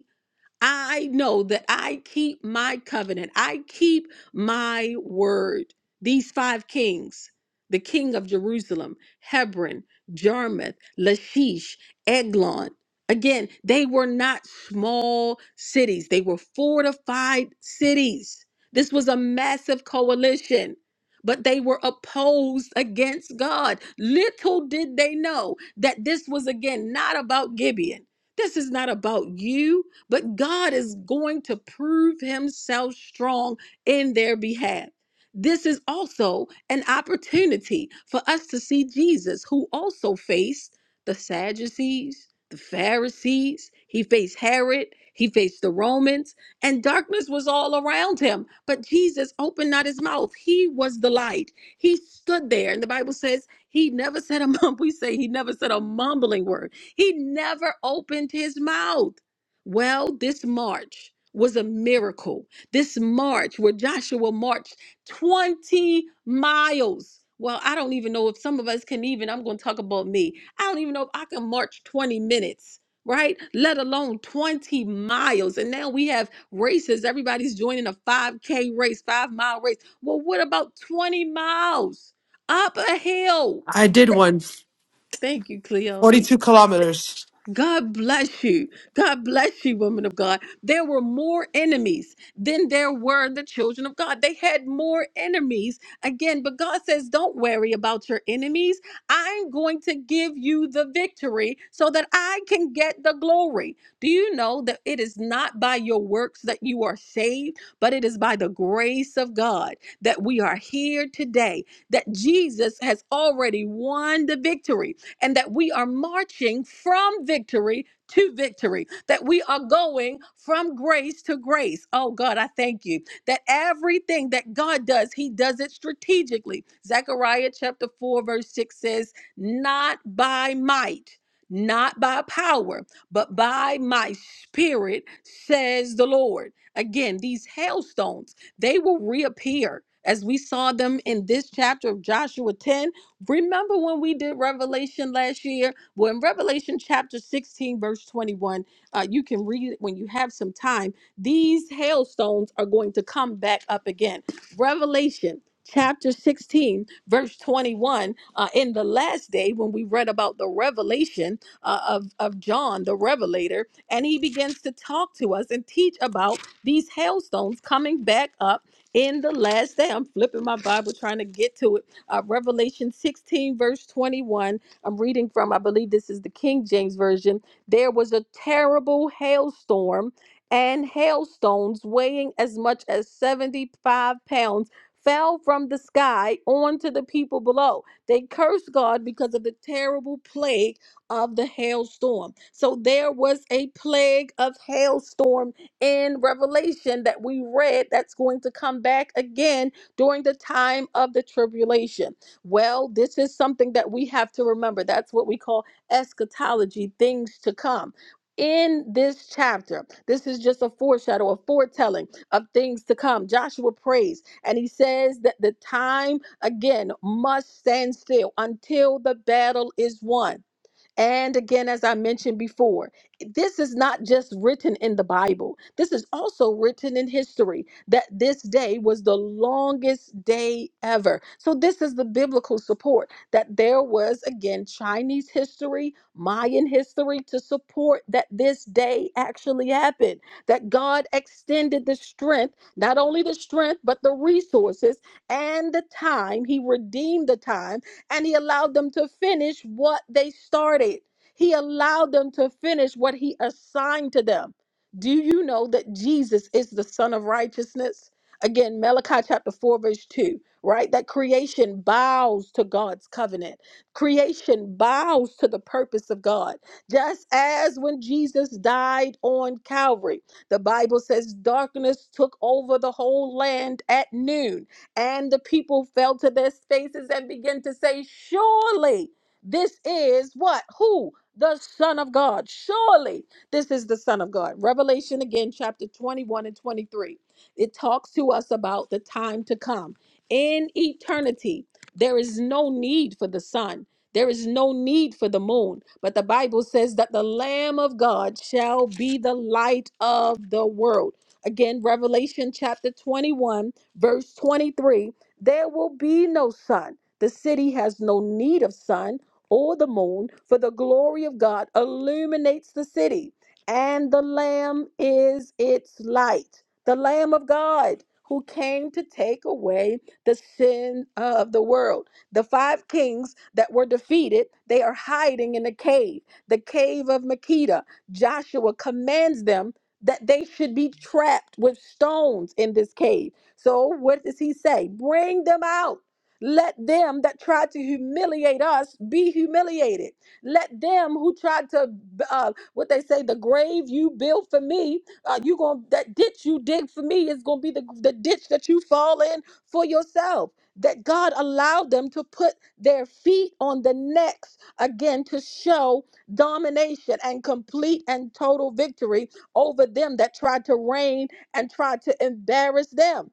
I know that I keep my covenant. I keep my word. These five kings, the king of Jerusalem, Hebron, Jarmuth, Lachish, Eglon. Again, they were not small cities. They were fortified cities. This was a massive coalition, but they were opposed against God. Little did they know that this was, again, not about Gibeon. This is not about you but God is going to prove himself strong in their behalf. This is also an opportunity for us to see Jesus, who also faced the Sadducees, the Pharisees, he faced Herod, he faced the Romans, and darkness was all around him. But Jesus opened not his mouth. He was the light. He stood there, and the Bible says he never said a mum. We say he never said a mumbling word. He never opened his mouth. Well, this march was a miracle. This march where Joshua marched 20 miles. Well, I don't even know if some of us can even, I'm going to talk about me. I don't even know if I can march 20 minutes, right? Let alone 20 miles. And now we have races. Everybody's joining a 5K race, five mile race. Well, what about 20 miles up a hill?
I did one.
Thank you, Cleone.
42 kilometers.
God bless you. God bless you, woman of God. There were more enemies than there were the children of God. They had more enemies. Again, but God says, Don't worry about your enemies. I'm going to give you the victory so that I can get the glory. Do you know that it is not by your works that you are saved, but it is by the grace of God that we are here today, that Jesus has already won the victory and that we are marching from victory to victory, that we are going from grace to grace. Oh God, I thank you that everything that God does, He does it strategically. Zechariah chapter 4, verse 6 says, Not by might, not by power, but by my spirit, says the Lord. Again, these hailstones, they will reappear. As we saw them in this chapter of Joshua 10, Remember when we did Revelation last year? Well, in Revelation chapter 16, verse 21, uh, you can read it when you have some time. These hailstones are going to come back up again. Revelation chapter 16, verse 21, uh, in the last day when we read about the revelation uh, of, of John, the revelator, and he begins to talk to us and teach about these hailstones coming back up in the last day. I'm flipping my Bible trying to get to it uh, Revelation 16, verse 21. I'm reading from, I believe this is the King James Version. There was a terrible hailstorm and hailstones weighing as much as 75 pounds fell from the sky onto the people below. They cursed God because of the terrible plague of the hailstorm. So there was a plague of hailstorm in Revelation that we read that's going to come back again during the time of the tribulation. Well, this is something that we have to remember. That's what we call eschatology, things to come. In this chapter, this is just a foreshadow, a foretelling of things to come. Joshua prays and he says that the time again must stand still until the battle is won. And again, as I mentioned before, this is not just written in the Bible, this is also written in history that this day was the longest day ever. So, this is the biblical support that there was, again, Chinese history, Mayan history to support that this day actually happened, that God extended the strength, not only the strength, but the resources and the time. He redeemed the time and he allowed them to finish what they started. He allowed them to finish what he assigned to them. Do you know that Jesus is the Son of Righteousness? Again, Malachi chapter 4, verse 2, right? That creation bows to God's covenant. Creation bows to the purpose of God. Just as when Jesus died on Calvary, the Bible says darkness took over the whole land at noon and the people fell to their faces and began to say, Surely this is what? Who? The Son of God. Surely this is the Son of God. Revelation again, chapter 21 and 23. It talks to us about the time to come. In eternity, there is no need for the sun. There is no need for the moon, but the Bible says that the Lamb of God shall be the light of the world. Again, Revelation chapter 21 Verse 23 There will be no sun. The city has no need of sun or the moon, for the glory of God illuminates the city, and the Lamb is its light. The Lamb of God who came to take away the sin of the world. The five kings that were defeated, they are hiding in a cave, the cave of Makeda. Joshua commands them that they should be trapped with stones in this cave so what does he say? Bring them out. Let them that tried to humiliate us be humiliated. Let them who tried to, uh, what they say, the grave you built for me, uh, you gonna that ditch you dig for me is gonna be the, the ditch that you fall in for yourself. That God allowed them to put their feet on the necks again to show domination and complete and total victory over them that tried to reign and tried to embarrass them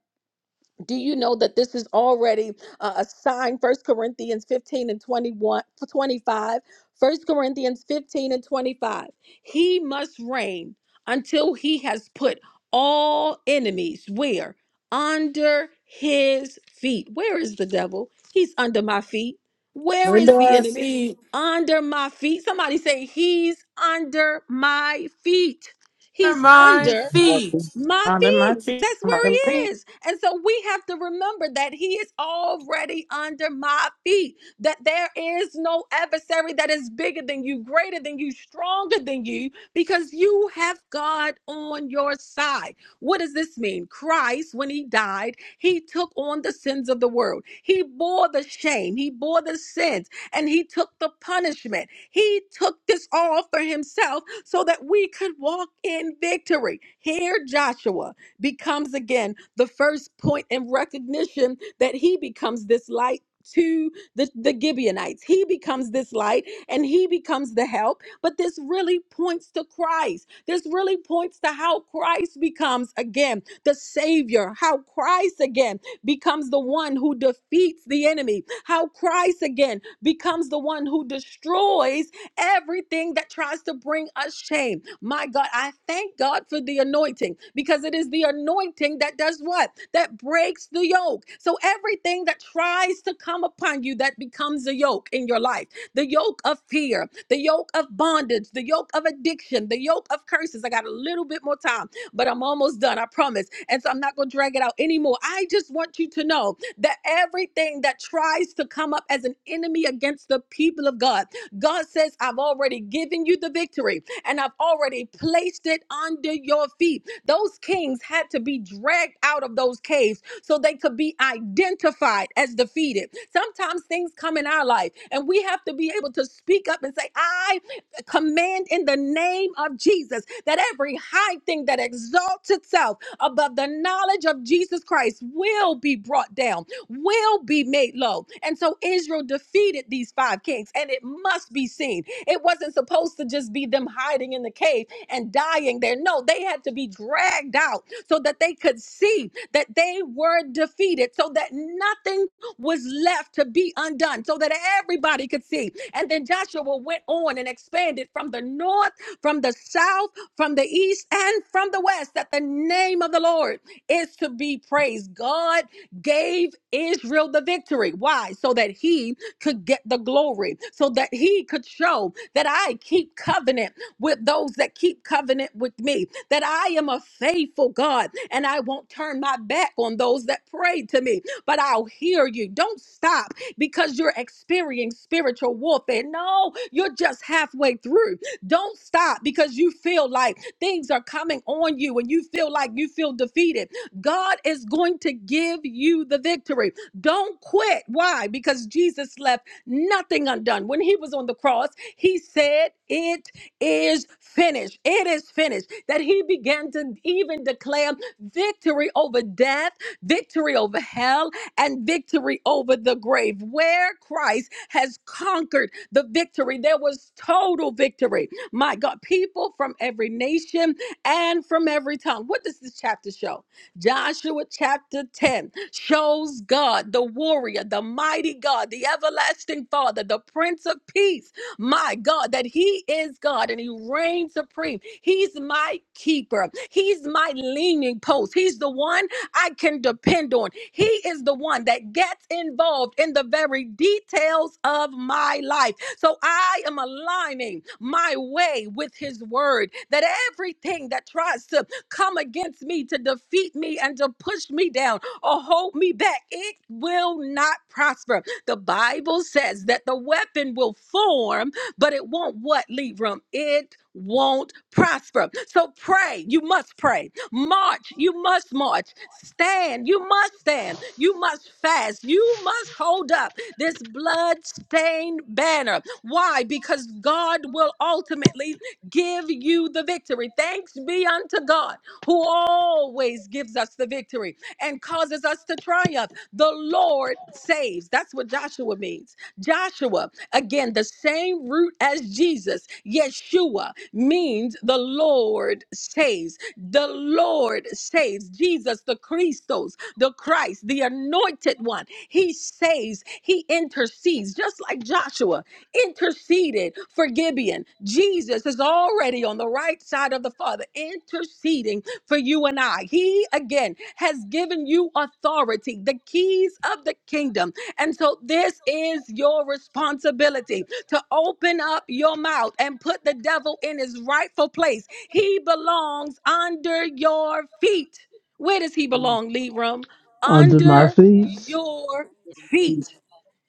do you know that this is already uh, a sign First corinthians 15 and 21 25. First corinthians 15 and 25 he must reign until he has put all enemies where under his feet where is the devil he's under my feet where is
Under
the
our
enemy
feet.
under my feet somebody say he's under my feet
Under
he's
my
He's
under
feet.
my feet. That's where he is. And so we have to remember that he is already under my feet, that there is no adversary that is bigger than you, greater than you, stronger than you, because you have God on your side. What does this mean? Christ, when he died, he took on the sins of the world. He bore the shame, he bore the sins, and he took the punishment. He took this all for himself so that we could walk in victory. Here, Joshua becomes again the first point in recognition that he becomes this light to the, the Gibeonites. He becomes this light and he becomes the help. But this really points to Christ. This really points to how Christ becomes again the Savior, how Christ again becomes the one who defeats the enemy, how Christ again becomes the one who destroys everything that tries to bring us shame. My God, I thank God for the anointing because it is the anointing that does what? That breaks the yoke. So everything that tries to come upon you that becomes a yoke in your life the yoke of fear, the yoke of bondage, the yoke of addiction, the yoke of curses. I got a little bit more time, but I'm almost done, I promise. And so I'm not going to drag it out anymore. I just want you to know that everything that tries to come up as an enemy against the people of God, God says, I've already given you the victory and I've already placed it under your feet. Those kings had to be dragged out of those caves so they could be identified as defeated. Sometimes things come in our life and we have to be able to speak up and say, I command in the name of Jesus that every high thing that exalts itself above the knowledge of Jesus Christ will be brought down will be made low. And so Israel defeated these five kings, and it must be seen. It wasn't supposed to just be them hiding in the cave and dying there. No, they had to be dragged out so that they could see that they were defeated, so that nothing was left to be undone, so that everybody could see. And then Joshua went on and expanded from the north, from the south, from the east, and from the west that the name of the Lord is to be praised. God gave Israel the victory. Why? So that he could get the glory, so that he could show that I keep covenant with those that keep covenant with me, that I am a faithful God and I won't turn my back on those that pray to me, but I'll hear you. Don't stop because you're experiencing spiritual warfare. No, you're just halfway through. Don't stop because you feel like things are coming on you and you feel like you feel defeated God is going to give you the victory. Don't quit. Why? Because Jesus left nothing undone. When he was on the cross, he said, It is finished. It is finished. That he began to even declare victory over death, victory over hell, and victory over the grave. Where Christ has conquered the victory, there was total victory. My God, people from every nation and from every tongue. What does this chapter show? Joshua chapter 10 shows God, the warrior, the mighty God, the everlasting Father, the Prince of Peace, my God, that He is God and He reigns supreme. He's my keeper, He's my leaning post, He's the one I can depend on. He is the one that gets involved in the very details of my life. So I am aligning my way with His word that everything that tries to come against me, to defeat me, and to push me down or hold me back. It will not prosper. The Bible says that the weapon will form, but it won't what, Libram? It won't prosper. So pray. You must pray. March. You must march. Stand. You must stand. You must fast. You must hold up this blood stained banner. Why? Because God will ultimately give you the victory. Thanks be unto God who always gives us the victory and causes us to triumph. The Lord saves. That's what Joshua means. Joshua, again, the same root as Jesus, Yeshua, means the Lord saves. The Lord saves. Jesus, the Christos, the Christ, the anointed one, he saves, he intercedes, just like Joshua interceded for Gibeon. Jesus is already on the right side of the Father, interceding for you and I. He, again, has given you authority, the keys of the kingdom. And so this is your responsibility to open up your mouth and put the devil in his rightful place. He belongs under your feet. Where does he belong, Leram?
under my
Under
feet.
your feet.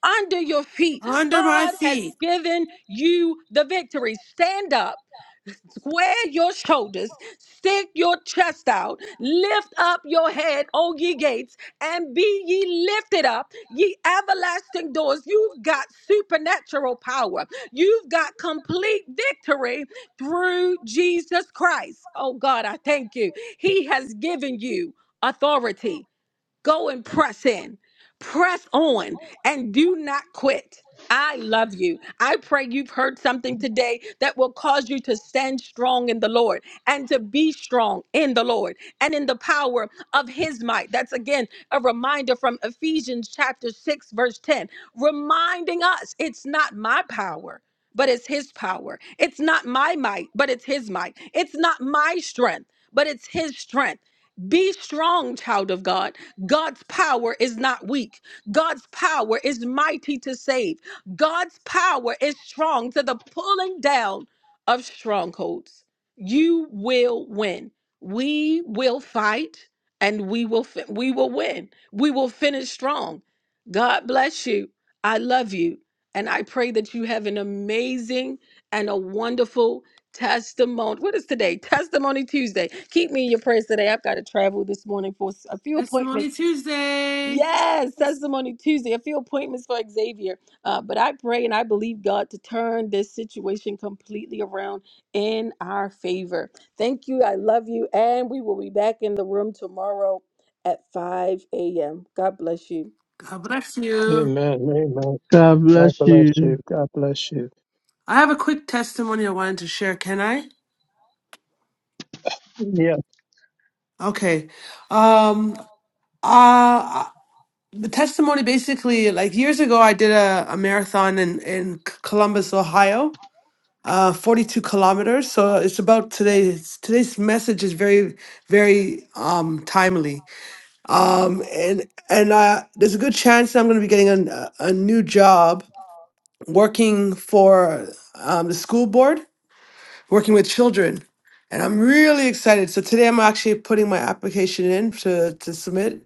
Under your feet.
Under my
God has
feet.
given you the victory. Stand up Square your shoulders, stick your chest out, lift up your head, O ye gates, and be ye lifted up, ye everlasting doors. You've got supernatural power. You've got complete victory through Jesus Christ. Oh God, I thank you. He has given you authority. Go and press in, press on, and do not quit. I love you. I pray you've heard something today that will cause you to stand strong in the Lord and to be strong in the Lord and in the power of His might. That's again a reminder from Ephesians chapter 6, verse 10, reminding us it's not my power. But it's his power. It's not my might, but it's his might. It's not my strength, but it's his strength. Be strong, child of God. God's power is not weak. God's power is mighty to save. God's power is strong to the pulling down of strongholds. You will win. We will fight and we will fi- we will win. We will finish strong. God bless you. I love you and I pray that you have an amazing and a wonderful testimony. What is today? Testimony Tuesday. Keep me in your prayers today. I've got to travel this morning for a few appointments
Testimony Tuesday.
Yes, Testimony Tuesday, a few appointments for Xavier. Uh, but I pray and I believe God to turn this situation completely around in our favor. Thank you. I love you. And we will be back in the room tomorrow at 5 a.m. God bless you.
God bless you.
Amen. Amen.
God
God
bless
bless
you.
you. God bless you.
I have a quick testimony I wanted to share. Can I?
Yeah.
Okay. Um uh the testimony basically like years ago I did a, a marathon in, in Columbus, Ohio. Uh, 42 kilometers. So it's about today. Today's message is very, very um timely Um, and and uh, there's a good chance that I'm going to be getting a, a new job working for um, the school board, working with children, and I'm really excited. So today I'm actually putting my application in to to submit.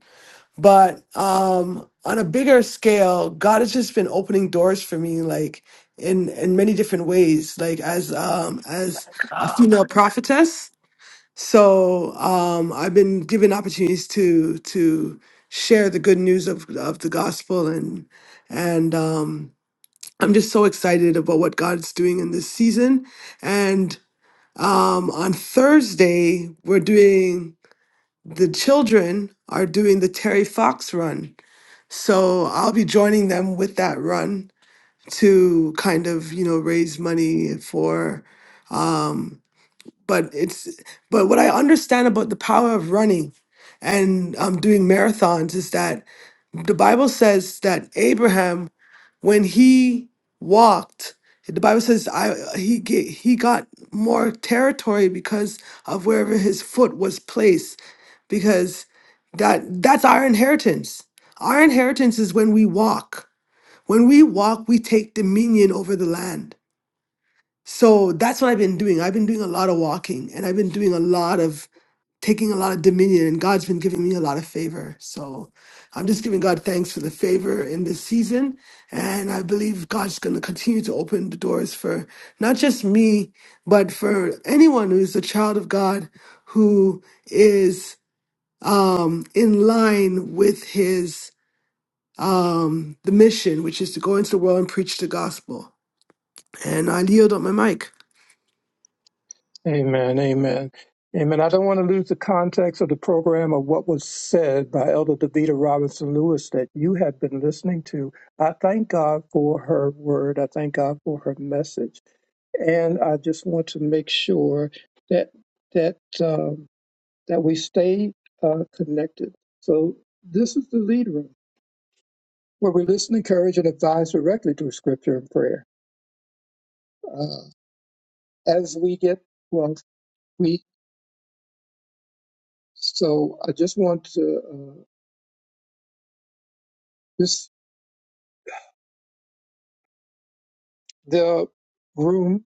But um, on a bigger scale, God has just been opening doors for me, like in in many different ways, like as um as a
Um,
female prophetess so um, I've been given opportunities to to share the good news of of the gospel, and and um, I'm just so excited about what God's doing in this season. And um, on Thursday, we're doing the children are doing the Terry Fox run, so I'll be joining them with that run to kind of you know raise money for Um, but it's but what I understand about the power of running and um, doing marathons is that the Bible says that Abraham, when he walked, the Bible says I he ga- he got more territory because of wherever his foot was placed, because that that's our inheritance. Our inheritance is when we walk. When we walk, we take dominion over the land so that's what I've been doing. I've been doing a lot of walking and I've been doing a lot of taking a lot of dominion, and God's been giving me a lot of favor. So I'm just giving God thanks for the favor in this season. And I believe God's going to continue to open the doors for not just me, but for anyone who's a child of God who is um, in line with his um, the mission, which is to go into the world and preach the gospel. And I yield on my mic.
Amen. Amen. Amen. I don't want to lose the context of the program of what was said by Elder Davita Robinson Lewis that you have been listening to. I thank God for her word. I thank God for her message. And I just want to make sure that that um, that we stay uh, connected. So this is the lead room where we listen, encourage, and advise directly through scripture and prayer. Uh, as we get well, we so I just want to uh, this the room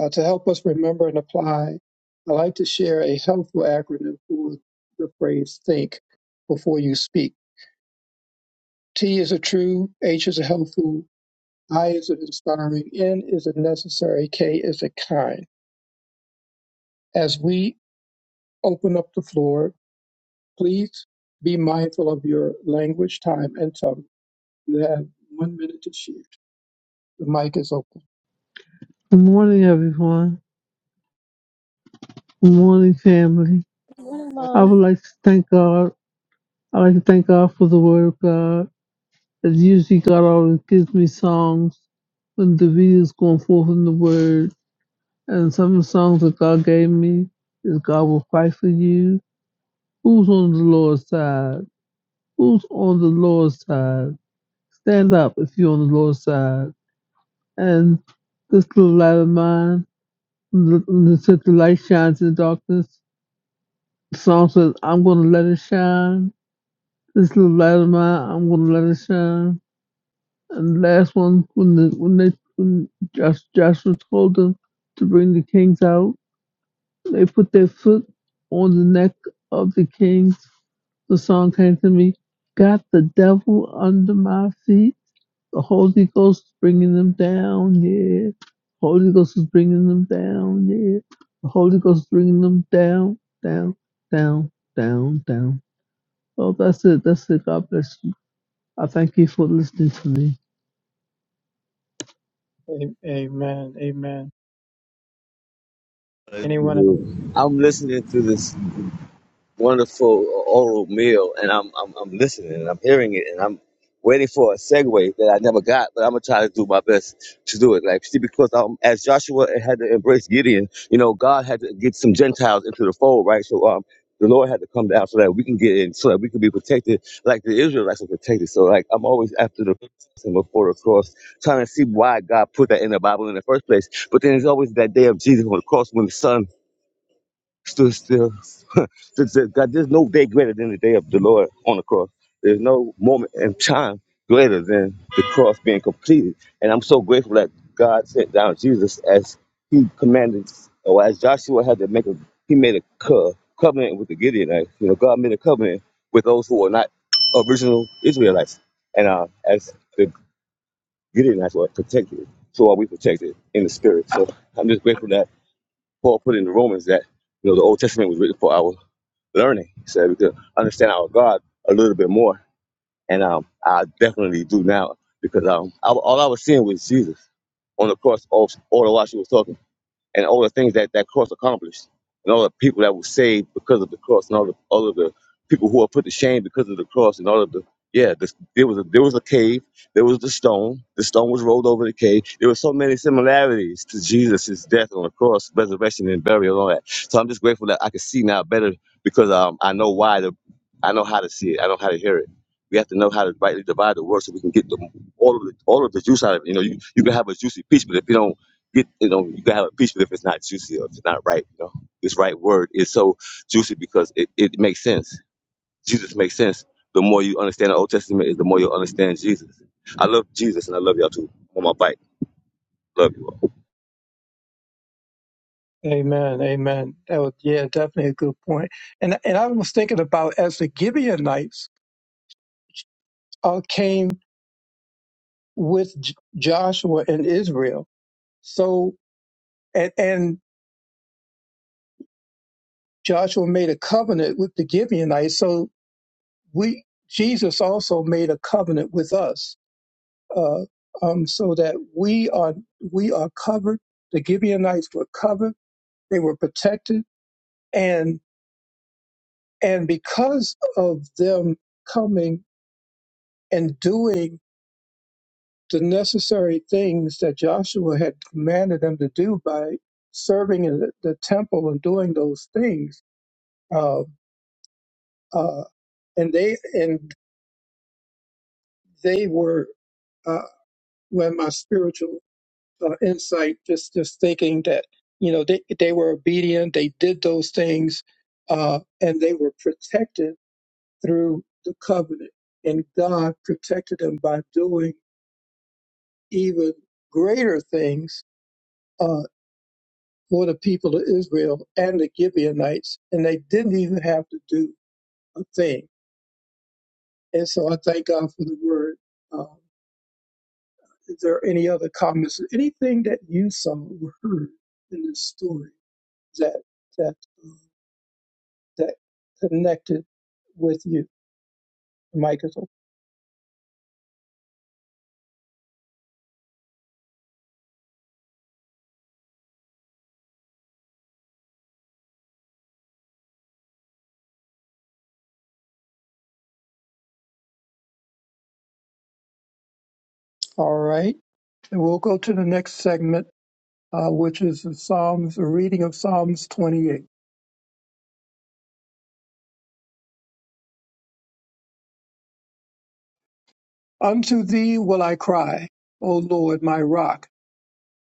uh, to help us remember and apply. I like to share a helpful acronym for the phrase "think before you speak." T is a true, H is a helpful, I is an inspiring, N is a necessary, K is a kind as we open up the floor. Please be mindful of your language, time, and tone. You have one minute to share. The mic is open.
Good morning, everyone. Good morning, family.
Good morning,
I
Mom.
would like to thank God. I like to thank God for the Word of God. That's usually God always gives me songs when the video's going forth in the word. And some of the songs that God gave me is God will fight for you. Who's on the Lord's side? Who's on the Lord's side? Stand up if you're on the Lord's side. And this little light of mine, l- l- said the light shines in darkness. The song says, I'm going to let it shine. This little light of mine, I'm going to let it shine. And the last one, when the, when they when Josh, Joshua told them to bring the kings out, they put their foot on the neck of the kings. The song came to me, "Got the devil under my feet." The Holy Ghost is bringing them down, yeah. Holy Ghost is bringing them down, yeah. The Holy Ghost is bringing them down, down, down, down, down. Oh, that's it. That's it. God bless you. I thank you for listening to me.
A- Amen. Amen. Anyone else?
I'm listening to this. wonderful oral meal, and I'm, I'm I'm listening and I'm hearing it, and I'm waiting for a segue that I never got, but I'm gonna try to do my best to do it. Like see, because um, as Joshua had to embrace Gideon, you know, God had to get some Gentiles into the fold, right? So um. The Lord had to come down so that we can get in, so that we can be protected, like the Israelites were protected. So, like I'm always after the cross and before the cross, trying to see why God put that in the Bible in the first place. But then there's always that day of Jesus on the cross when the sun stood still. Th- th- God, there's no day greater than the day of the Lord on the cross. There's no moment in time greater than the cross being completed. And I'm so grateful that God sent down Jesus as He commanded, or as Joshua had to make a, He made a co- covenant with the Gideonites. You know, God made a covenant with those who were not original Israelites, and uh, as the Gideonites were protected, so are we protected in the spirit. So I'm just grateful that. Paul put in the Romans that you know the Old Testament was written for our learning, so we could understand our God a little bit more. And um, I definitely do now because um, I, all I was seeing was Jesus on the cross. All, all the while she was talking and all the things that that cross accomplished, and all the people that were saved because of the cross, and all the all of the people who are put to shame because of the cross, and all of the yeah, this, there was a there was a cave, there was the stone, the stone was rolled over the cave. There were so many similarities to Jesus' death on the cross, resurrection, and burial, and all that. So I'm just grateful that I can see now better because um, I know why the I know how to see it, I know how to hear it. We have to know how to rightly divide the word so we can get the, all of the all of the juice out of it. You know, you, you can have a juicy peach, but if you don't get you know you can have impeachment if it's not juicy or if it's not right. You know, this right word is so juicy because it, it makes sense. Jesus makes sense. The more you understand the Old Testament, is the more you understand Jesus. I love Jesus and I love y'all too. I'm on my bike. Love you all.
Amen. Amen. That was yeah, definitely a good point. And and I was thinking about as the Gibeonites uh, came with J- Joshua and Israel. So and and Joshua made a covenant with the Gibeonites. So we Jesus also made a covenant with us uh, um, so that we are we are covered. The Gibeonites were covered; they were protected, and and because of them coming and doing the necessary things that Joshua had commanded them to do by serving in the, the temple and doing those things, uh, uh, and they and they were uh, were my spiritual uh, insight, just just thinking that you know they they were obedient, they did those things, uh, and they were protected through the covenant, and God protected them by doing even greater things uh, for the people of Israel and the Gibeonites, and they didn't even have to do a thing. And so I thank God for the word. Um, is there any other comments? Anything that you saw or heard in this story that that uh, that connected with you. Michael. All right. And we'll go to the next segment, uh, which is the Psalms, a reading of Psalms 28. Unto thee will I cry, O Lord, my rock.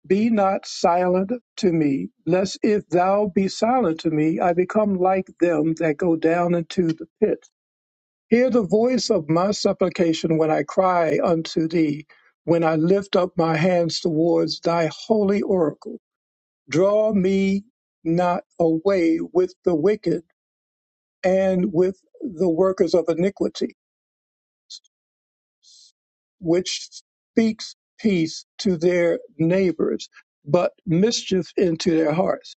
Be not silent to me, lest if thou be silent to me, I become like them that go down into the pit. Hear the voice of my supplication when I cry unto thee, when I lift up my hands towards thy holy oracle. Draw me not away with the wicked and with the workers of iniquity, which speaks peace to their neighbors, but mischief into their hearts.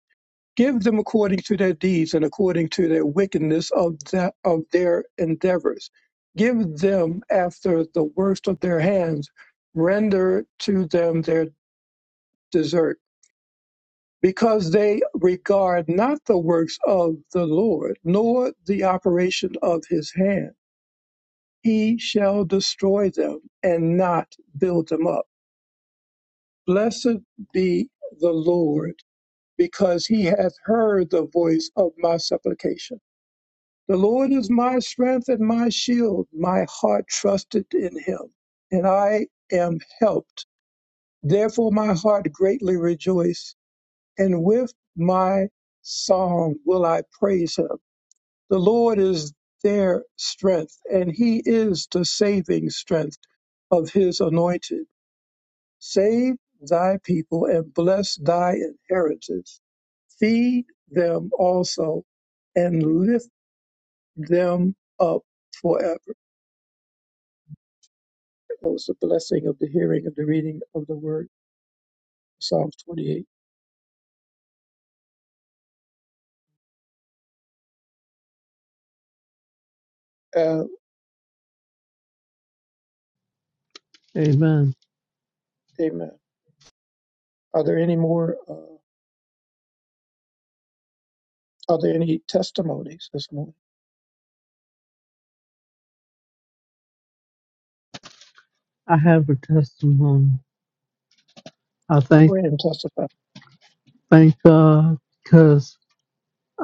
Give them according to their deeds and according to their wickedness of, that, of their endeavors. Give them after the worst of their hands, render to them their desert because they regard not the works of the Lord, nor the operation of his hand. He shall destroy them and not build them up. Blessed be the Lord, because he hath heard the voice of my supplication. The Lord is my strength and my shield. My heart trusted in him, and I am helped. Therefore, my heart greatly rejoiced and with my song will I praise him. The Lord is their strength, and he is the saving strength of his anointed. Save thy people and bless thy inheritance. Feed them also and lift them up forever. That was the blessing of the hearing of the reading of the word, Psalms 28. Uh,
Amen.
amen. Are there any more? Uh, are there any testimonies this morning?
I have a testimony. I thank
Go ahead and testify.
thank God because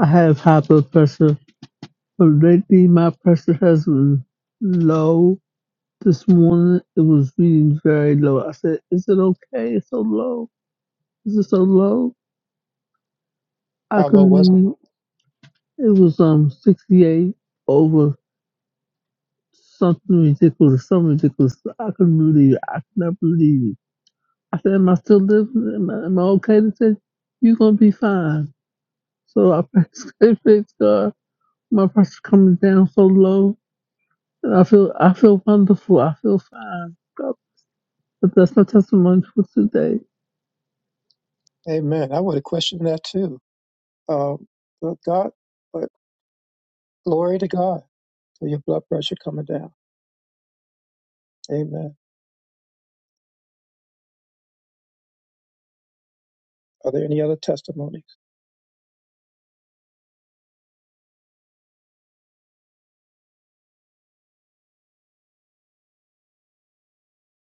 I have high blood pressure. But lately my pressure has been low. This morning it was reading very low. I said, "Is it okay? It's so low. Is it so low?" I
How low
couldn't.
was it?
Even, it was um 68 over something ridiculous, something ridiculous. I couldn't believe it. I could not believe it. I said, "Am I still living? Am I, am I okay?" They said, "You're gonna be fine." So I fix, it fixed uh, my pressure coming down so low, and I feel I feel wonderful. I feel fine. God, But that's my testimony for today.
Amen. I would have questioned that too. Um, but God, but glory to God for your blood pressure coming down. Amen. Are there any other testimonies?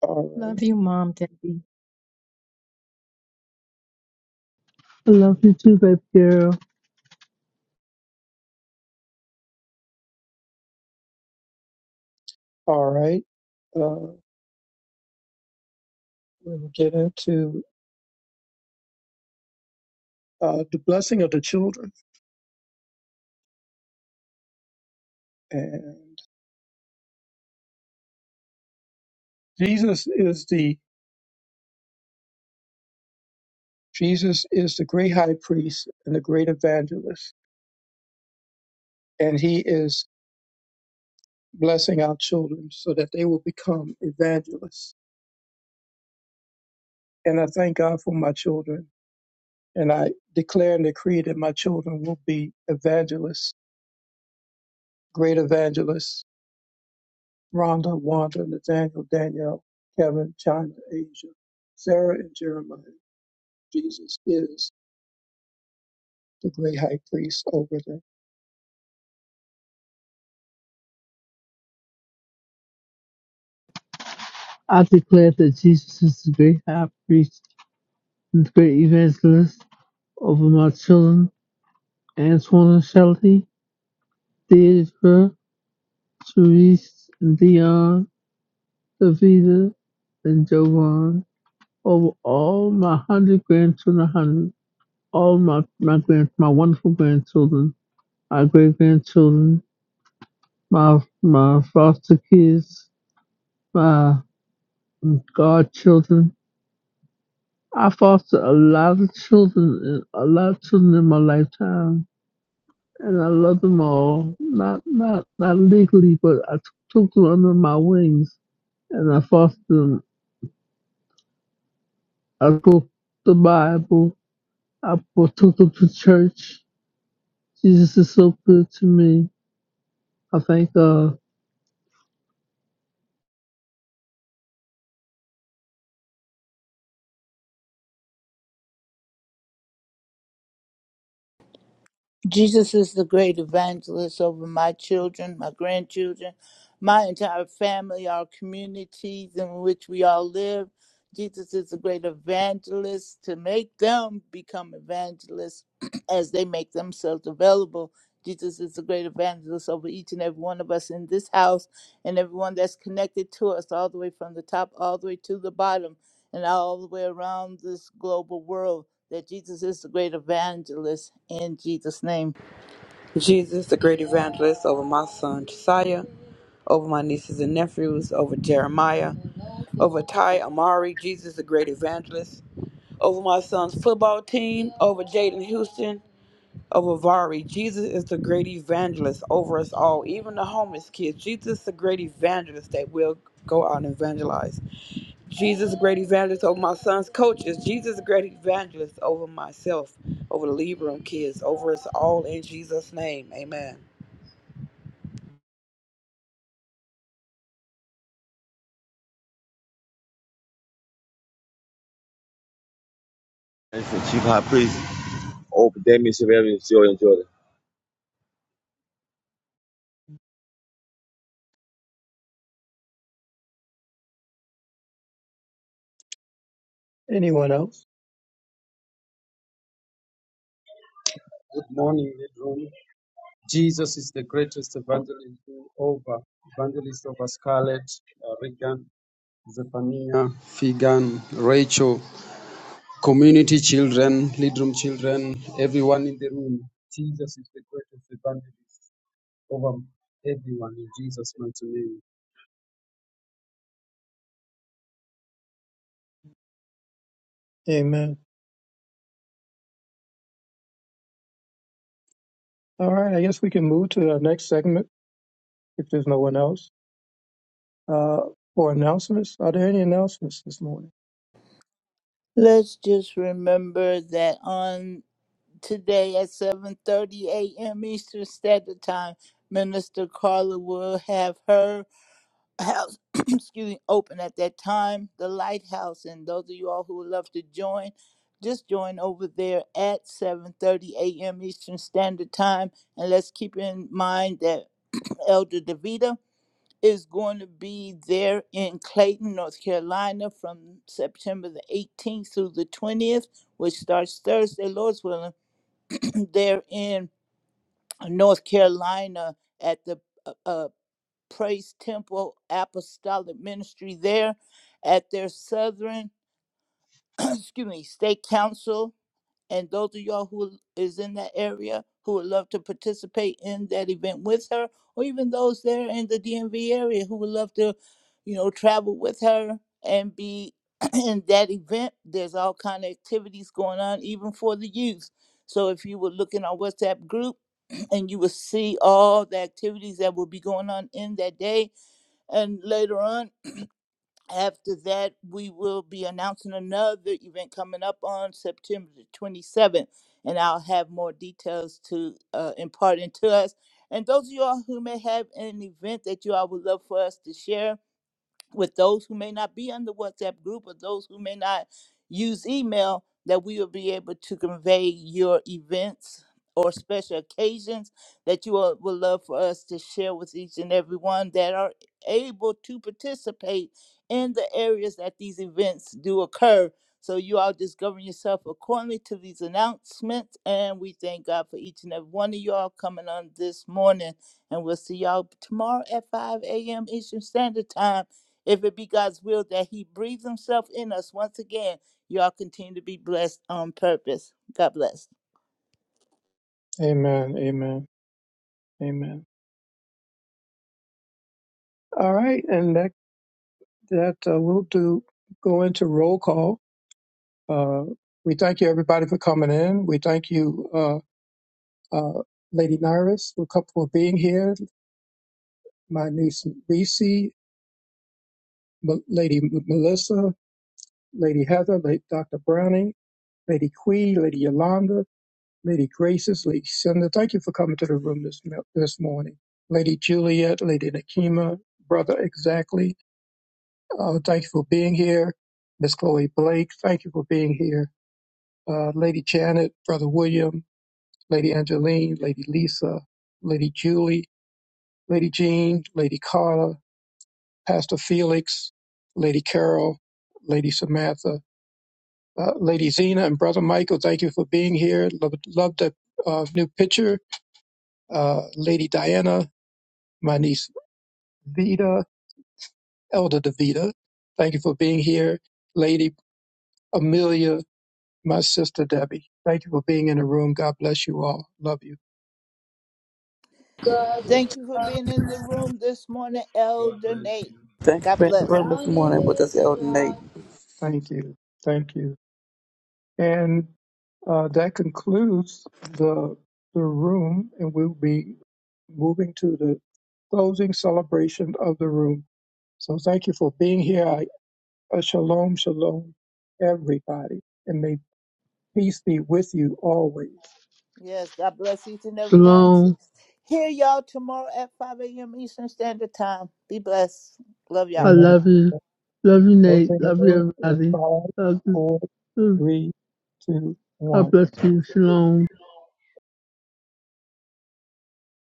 All right.
Love you, Mom, Debbie.
I love you too, baby girl.
All right. Uh, we'll get into uh, the blessing of the children. And Jesus is the Jesus is the great high priest and the great evangelist, and he is blessing our children so that they will become evangelists. And I thank God for my children And I declare and decree that my children will be evangelists, great evangelists, Rhonda, Wanda, Nathaniel, Danielle, Kevin, China, Asia, Sarah, and Jeremiah. Jesus is the great high priest over them.
I declare that Jesus is the great high priest and the great evangelist over my children, Antoine and Shelly, Deidre, Therese, and Dion, Davida, and Jovan, over all my hundred grandchildren, hundred. all my my grand, my wonderful grandchildren, my great grandchildren, my my foster kids, my godchildren. I fostered a lot of children, and a lot of children in my lifetime, and I love them all. Not not not legally, but I t- took them under my wings, and I fostered them. I took the Bible. I took them to church. Jesus is so good to me. I thank God.
Jesus is the great evangelist over my children, my grandchildren, my entire family, our communities in which we all live. Jesus is the great evangelist to make them become evangelists as they make themselves available. Jesus is the great evangelist over each and every one of us in this house and everyone that's connected to us, all the way from the top, all the way to the bottom and all the way around this global world that Jesus is the great evangelist in Jesus' name.
Jesus, the great evangelist, over my son Josiah, over my nieces and nephews, over Jeremiah, over Ty Amari, Jesus, the great evangelist, over my son's football team, over Jaden Houston, over Vari. Jesus is the great evangelist over us all, even the homeless kids. Jesus, the great evangelist that will go out and evangelize. Jesus, the great evangelist over my son's coaches. Jesus, the great evangelist over myself, over the Libram kids, over us all in Jesus' name. Amen.
Thanks for Chief High Priest. Old Damien Severian, Joy and Jordan.
Anyone else?
Good morning, Leadroom. Jesus is the greatest evangelist over evangelist over Scarlett, uh, Regan, Zephaniah, Figan, Rachel, community children, Leadroom children, everyone in the room. Jesus is the greatest evangelist over everyone in Jesus' mighty name.
Amen. All right, I guess we can move to the next segment if there's no one else. Uh, for announcements, are there any announcements this morning?
Let's just remember that on today at 7:30 a.m. Eastern Standard Time, Minister Carla will have her house, excuse me, open at that time, the Lighthouse, and those of you all who would love to join, just join over there at 7:30 a.m. Eastern Standard Time, and let's keep in mind that Elder Davida is going to be there in Clayton, North Carolina from September the 18th through the 20th, which starts Thursday, Lord's willing. there in North Carolina at the uh, uh, Praise Temple Apostolic Ministry there at their Southern, excuse me, State Council and those of y'all who is in that area who would love to participate in that event with her or even those there in the DMV area who would love to you know travel with her and be in that event there's all kind of activities going on even for the youth so if you would look in our WhatsApp group and you will see all the activities that will be going on in that day and later on after that, we will be announcing another event coming up on September the 27th, and I'll have more details to uh, impart into us. And those of you all who may have an event that you all would love for us to share, with those who may not be on the WhatsApp group or those who may not use email, that we will be able to convey your events or special occasions that you all would love for us to share with each and every one that are able to participate in the areas that these events do occur. So you all just govern yourself accordingly to these announcements. And we thank God for each and every one of y'all coming on this morning. And we'll see y'all tomorrow at 5 a.m. Eastern Standard Time if it be God's will that He breathes Himself in us once again, y'all continue to be blessed on purpose. God bless.
Amen, amen, amen. All right, and that, that uh, will do go into roll call. Uh, we thank you, everybody, for coming in. We thank you, uh, uh, Lady Nyrus, for, co- for being here, my niece Reese, M- Lady M- Melissa, Lady Heather, Lady Dr. Browning, Lady Quee, Lady Yolanda, Lady Graces, Lady Cinder. Thank you for coming to the room this, mo- this morning. Lady Juliet, Lady Nakima, Brother Exactly, uh, thank you for being here. Miss Chloe Blake, thank you for being here. Uh, Lady Janet, Brother William, Lady Angeline, Lady Lisa, Lady Julie, Lady Jean, Lady Carla, Pastor Felix, Lady Carol, Lady Samantha, uh, Lady Zena, and Brother Michael. Thank you for being here. Love, love that uh, new picture. Uh, Lady Diana, my niece Vida, Elder Davida. Thank you for being here. Lady Amelia, my sister Debbie. Thank you for being in the room. God bless you all. Love you.
Thank you for being in the room this morning, Elder Nate.
Thank you for
God
being in the
bless.
room this morning with us, Elden Nate.
Thank you. Thank you. And uh, that concludes the the room, and we'll be moving to the closing celebration of the room. So thank you for being here. I, uh, shalom, shalom, everybody, and may peace be with you always.
Yes, God bless each and every one.
Shalom.
Hear y'all tomorrow at 5 a.m. Eastern Standard Time. Be blessed. Love y'all.
I
Amen.
love you. Love you, Nate.
Closing the
Love
room
you,
in
everybody.
five,
Love you.
four, three, two, one.
God bless you. Shalom.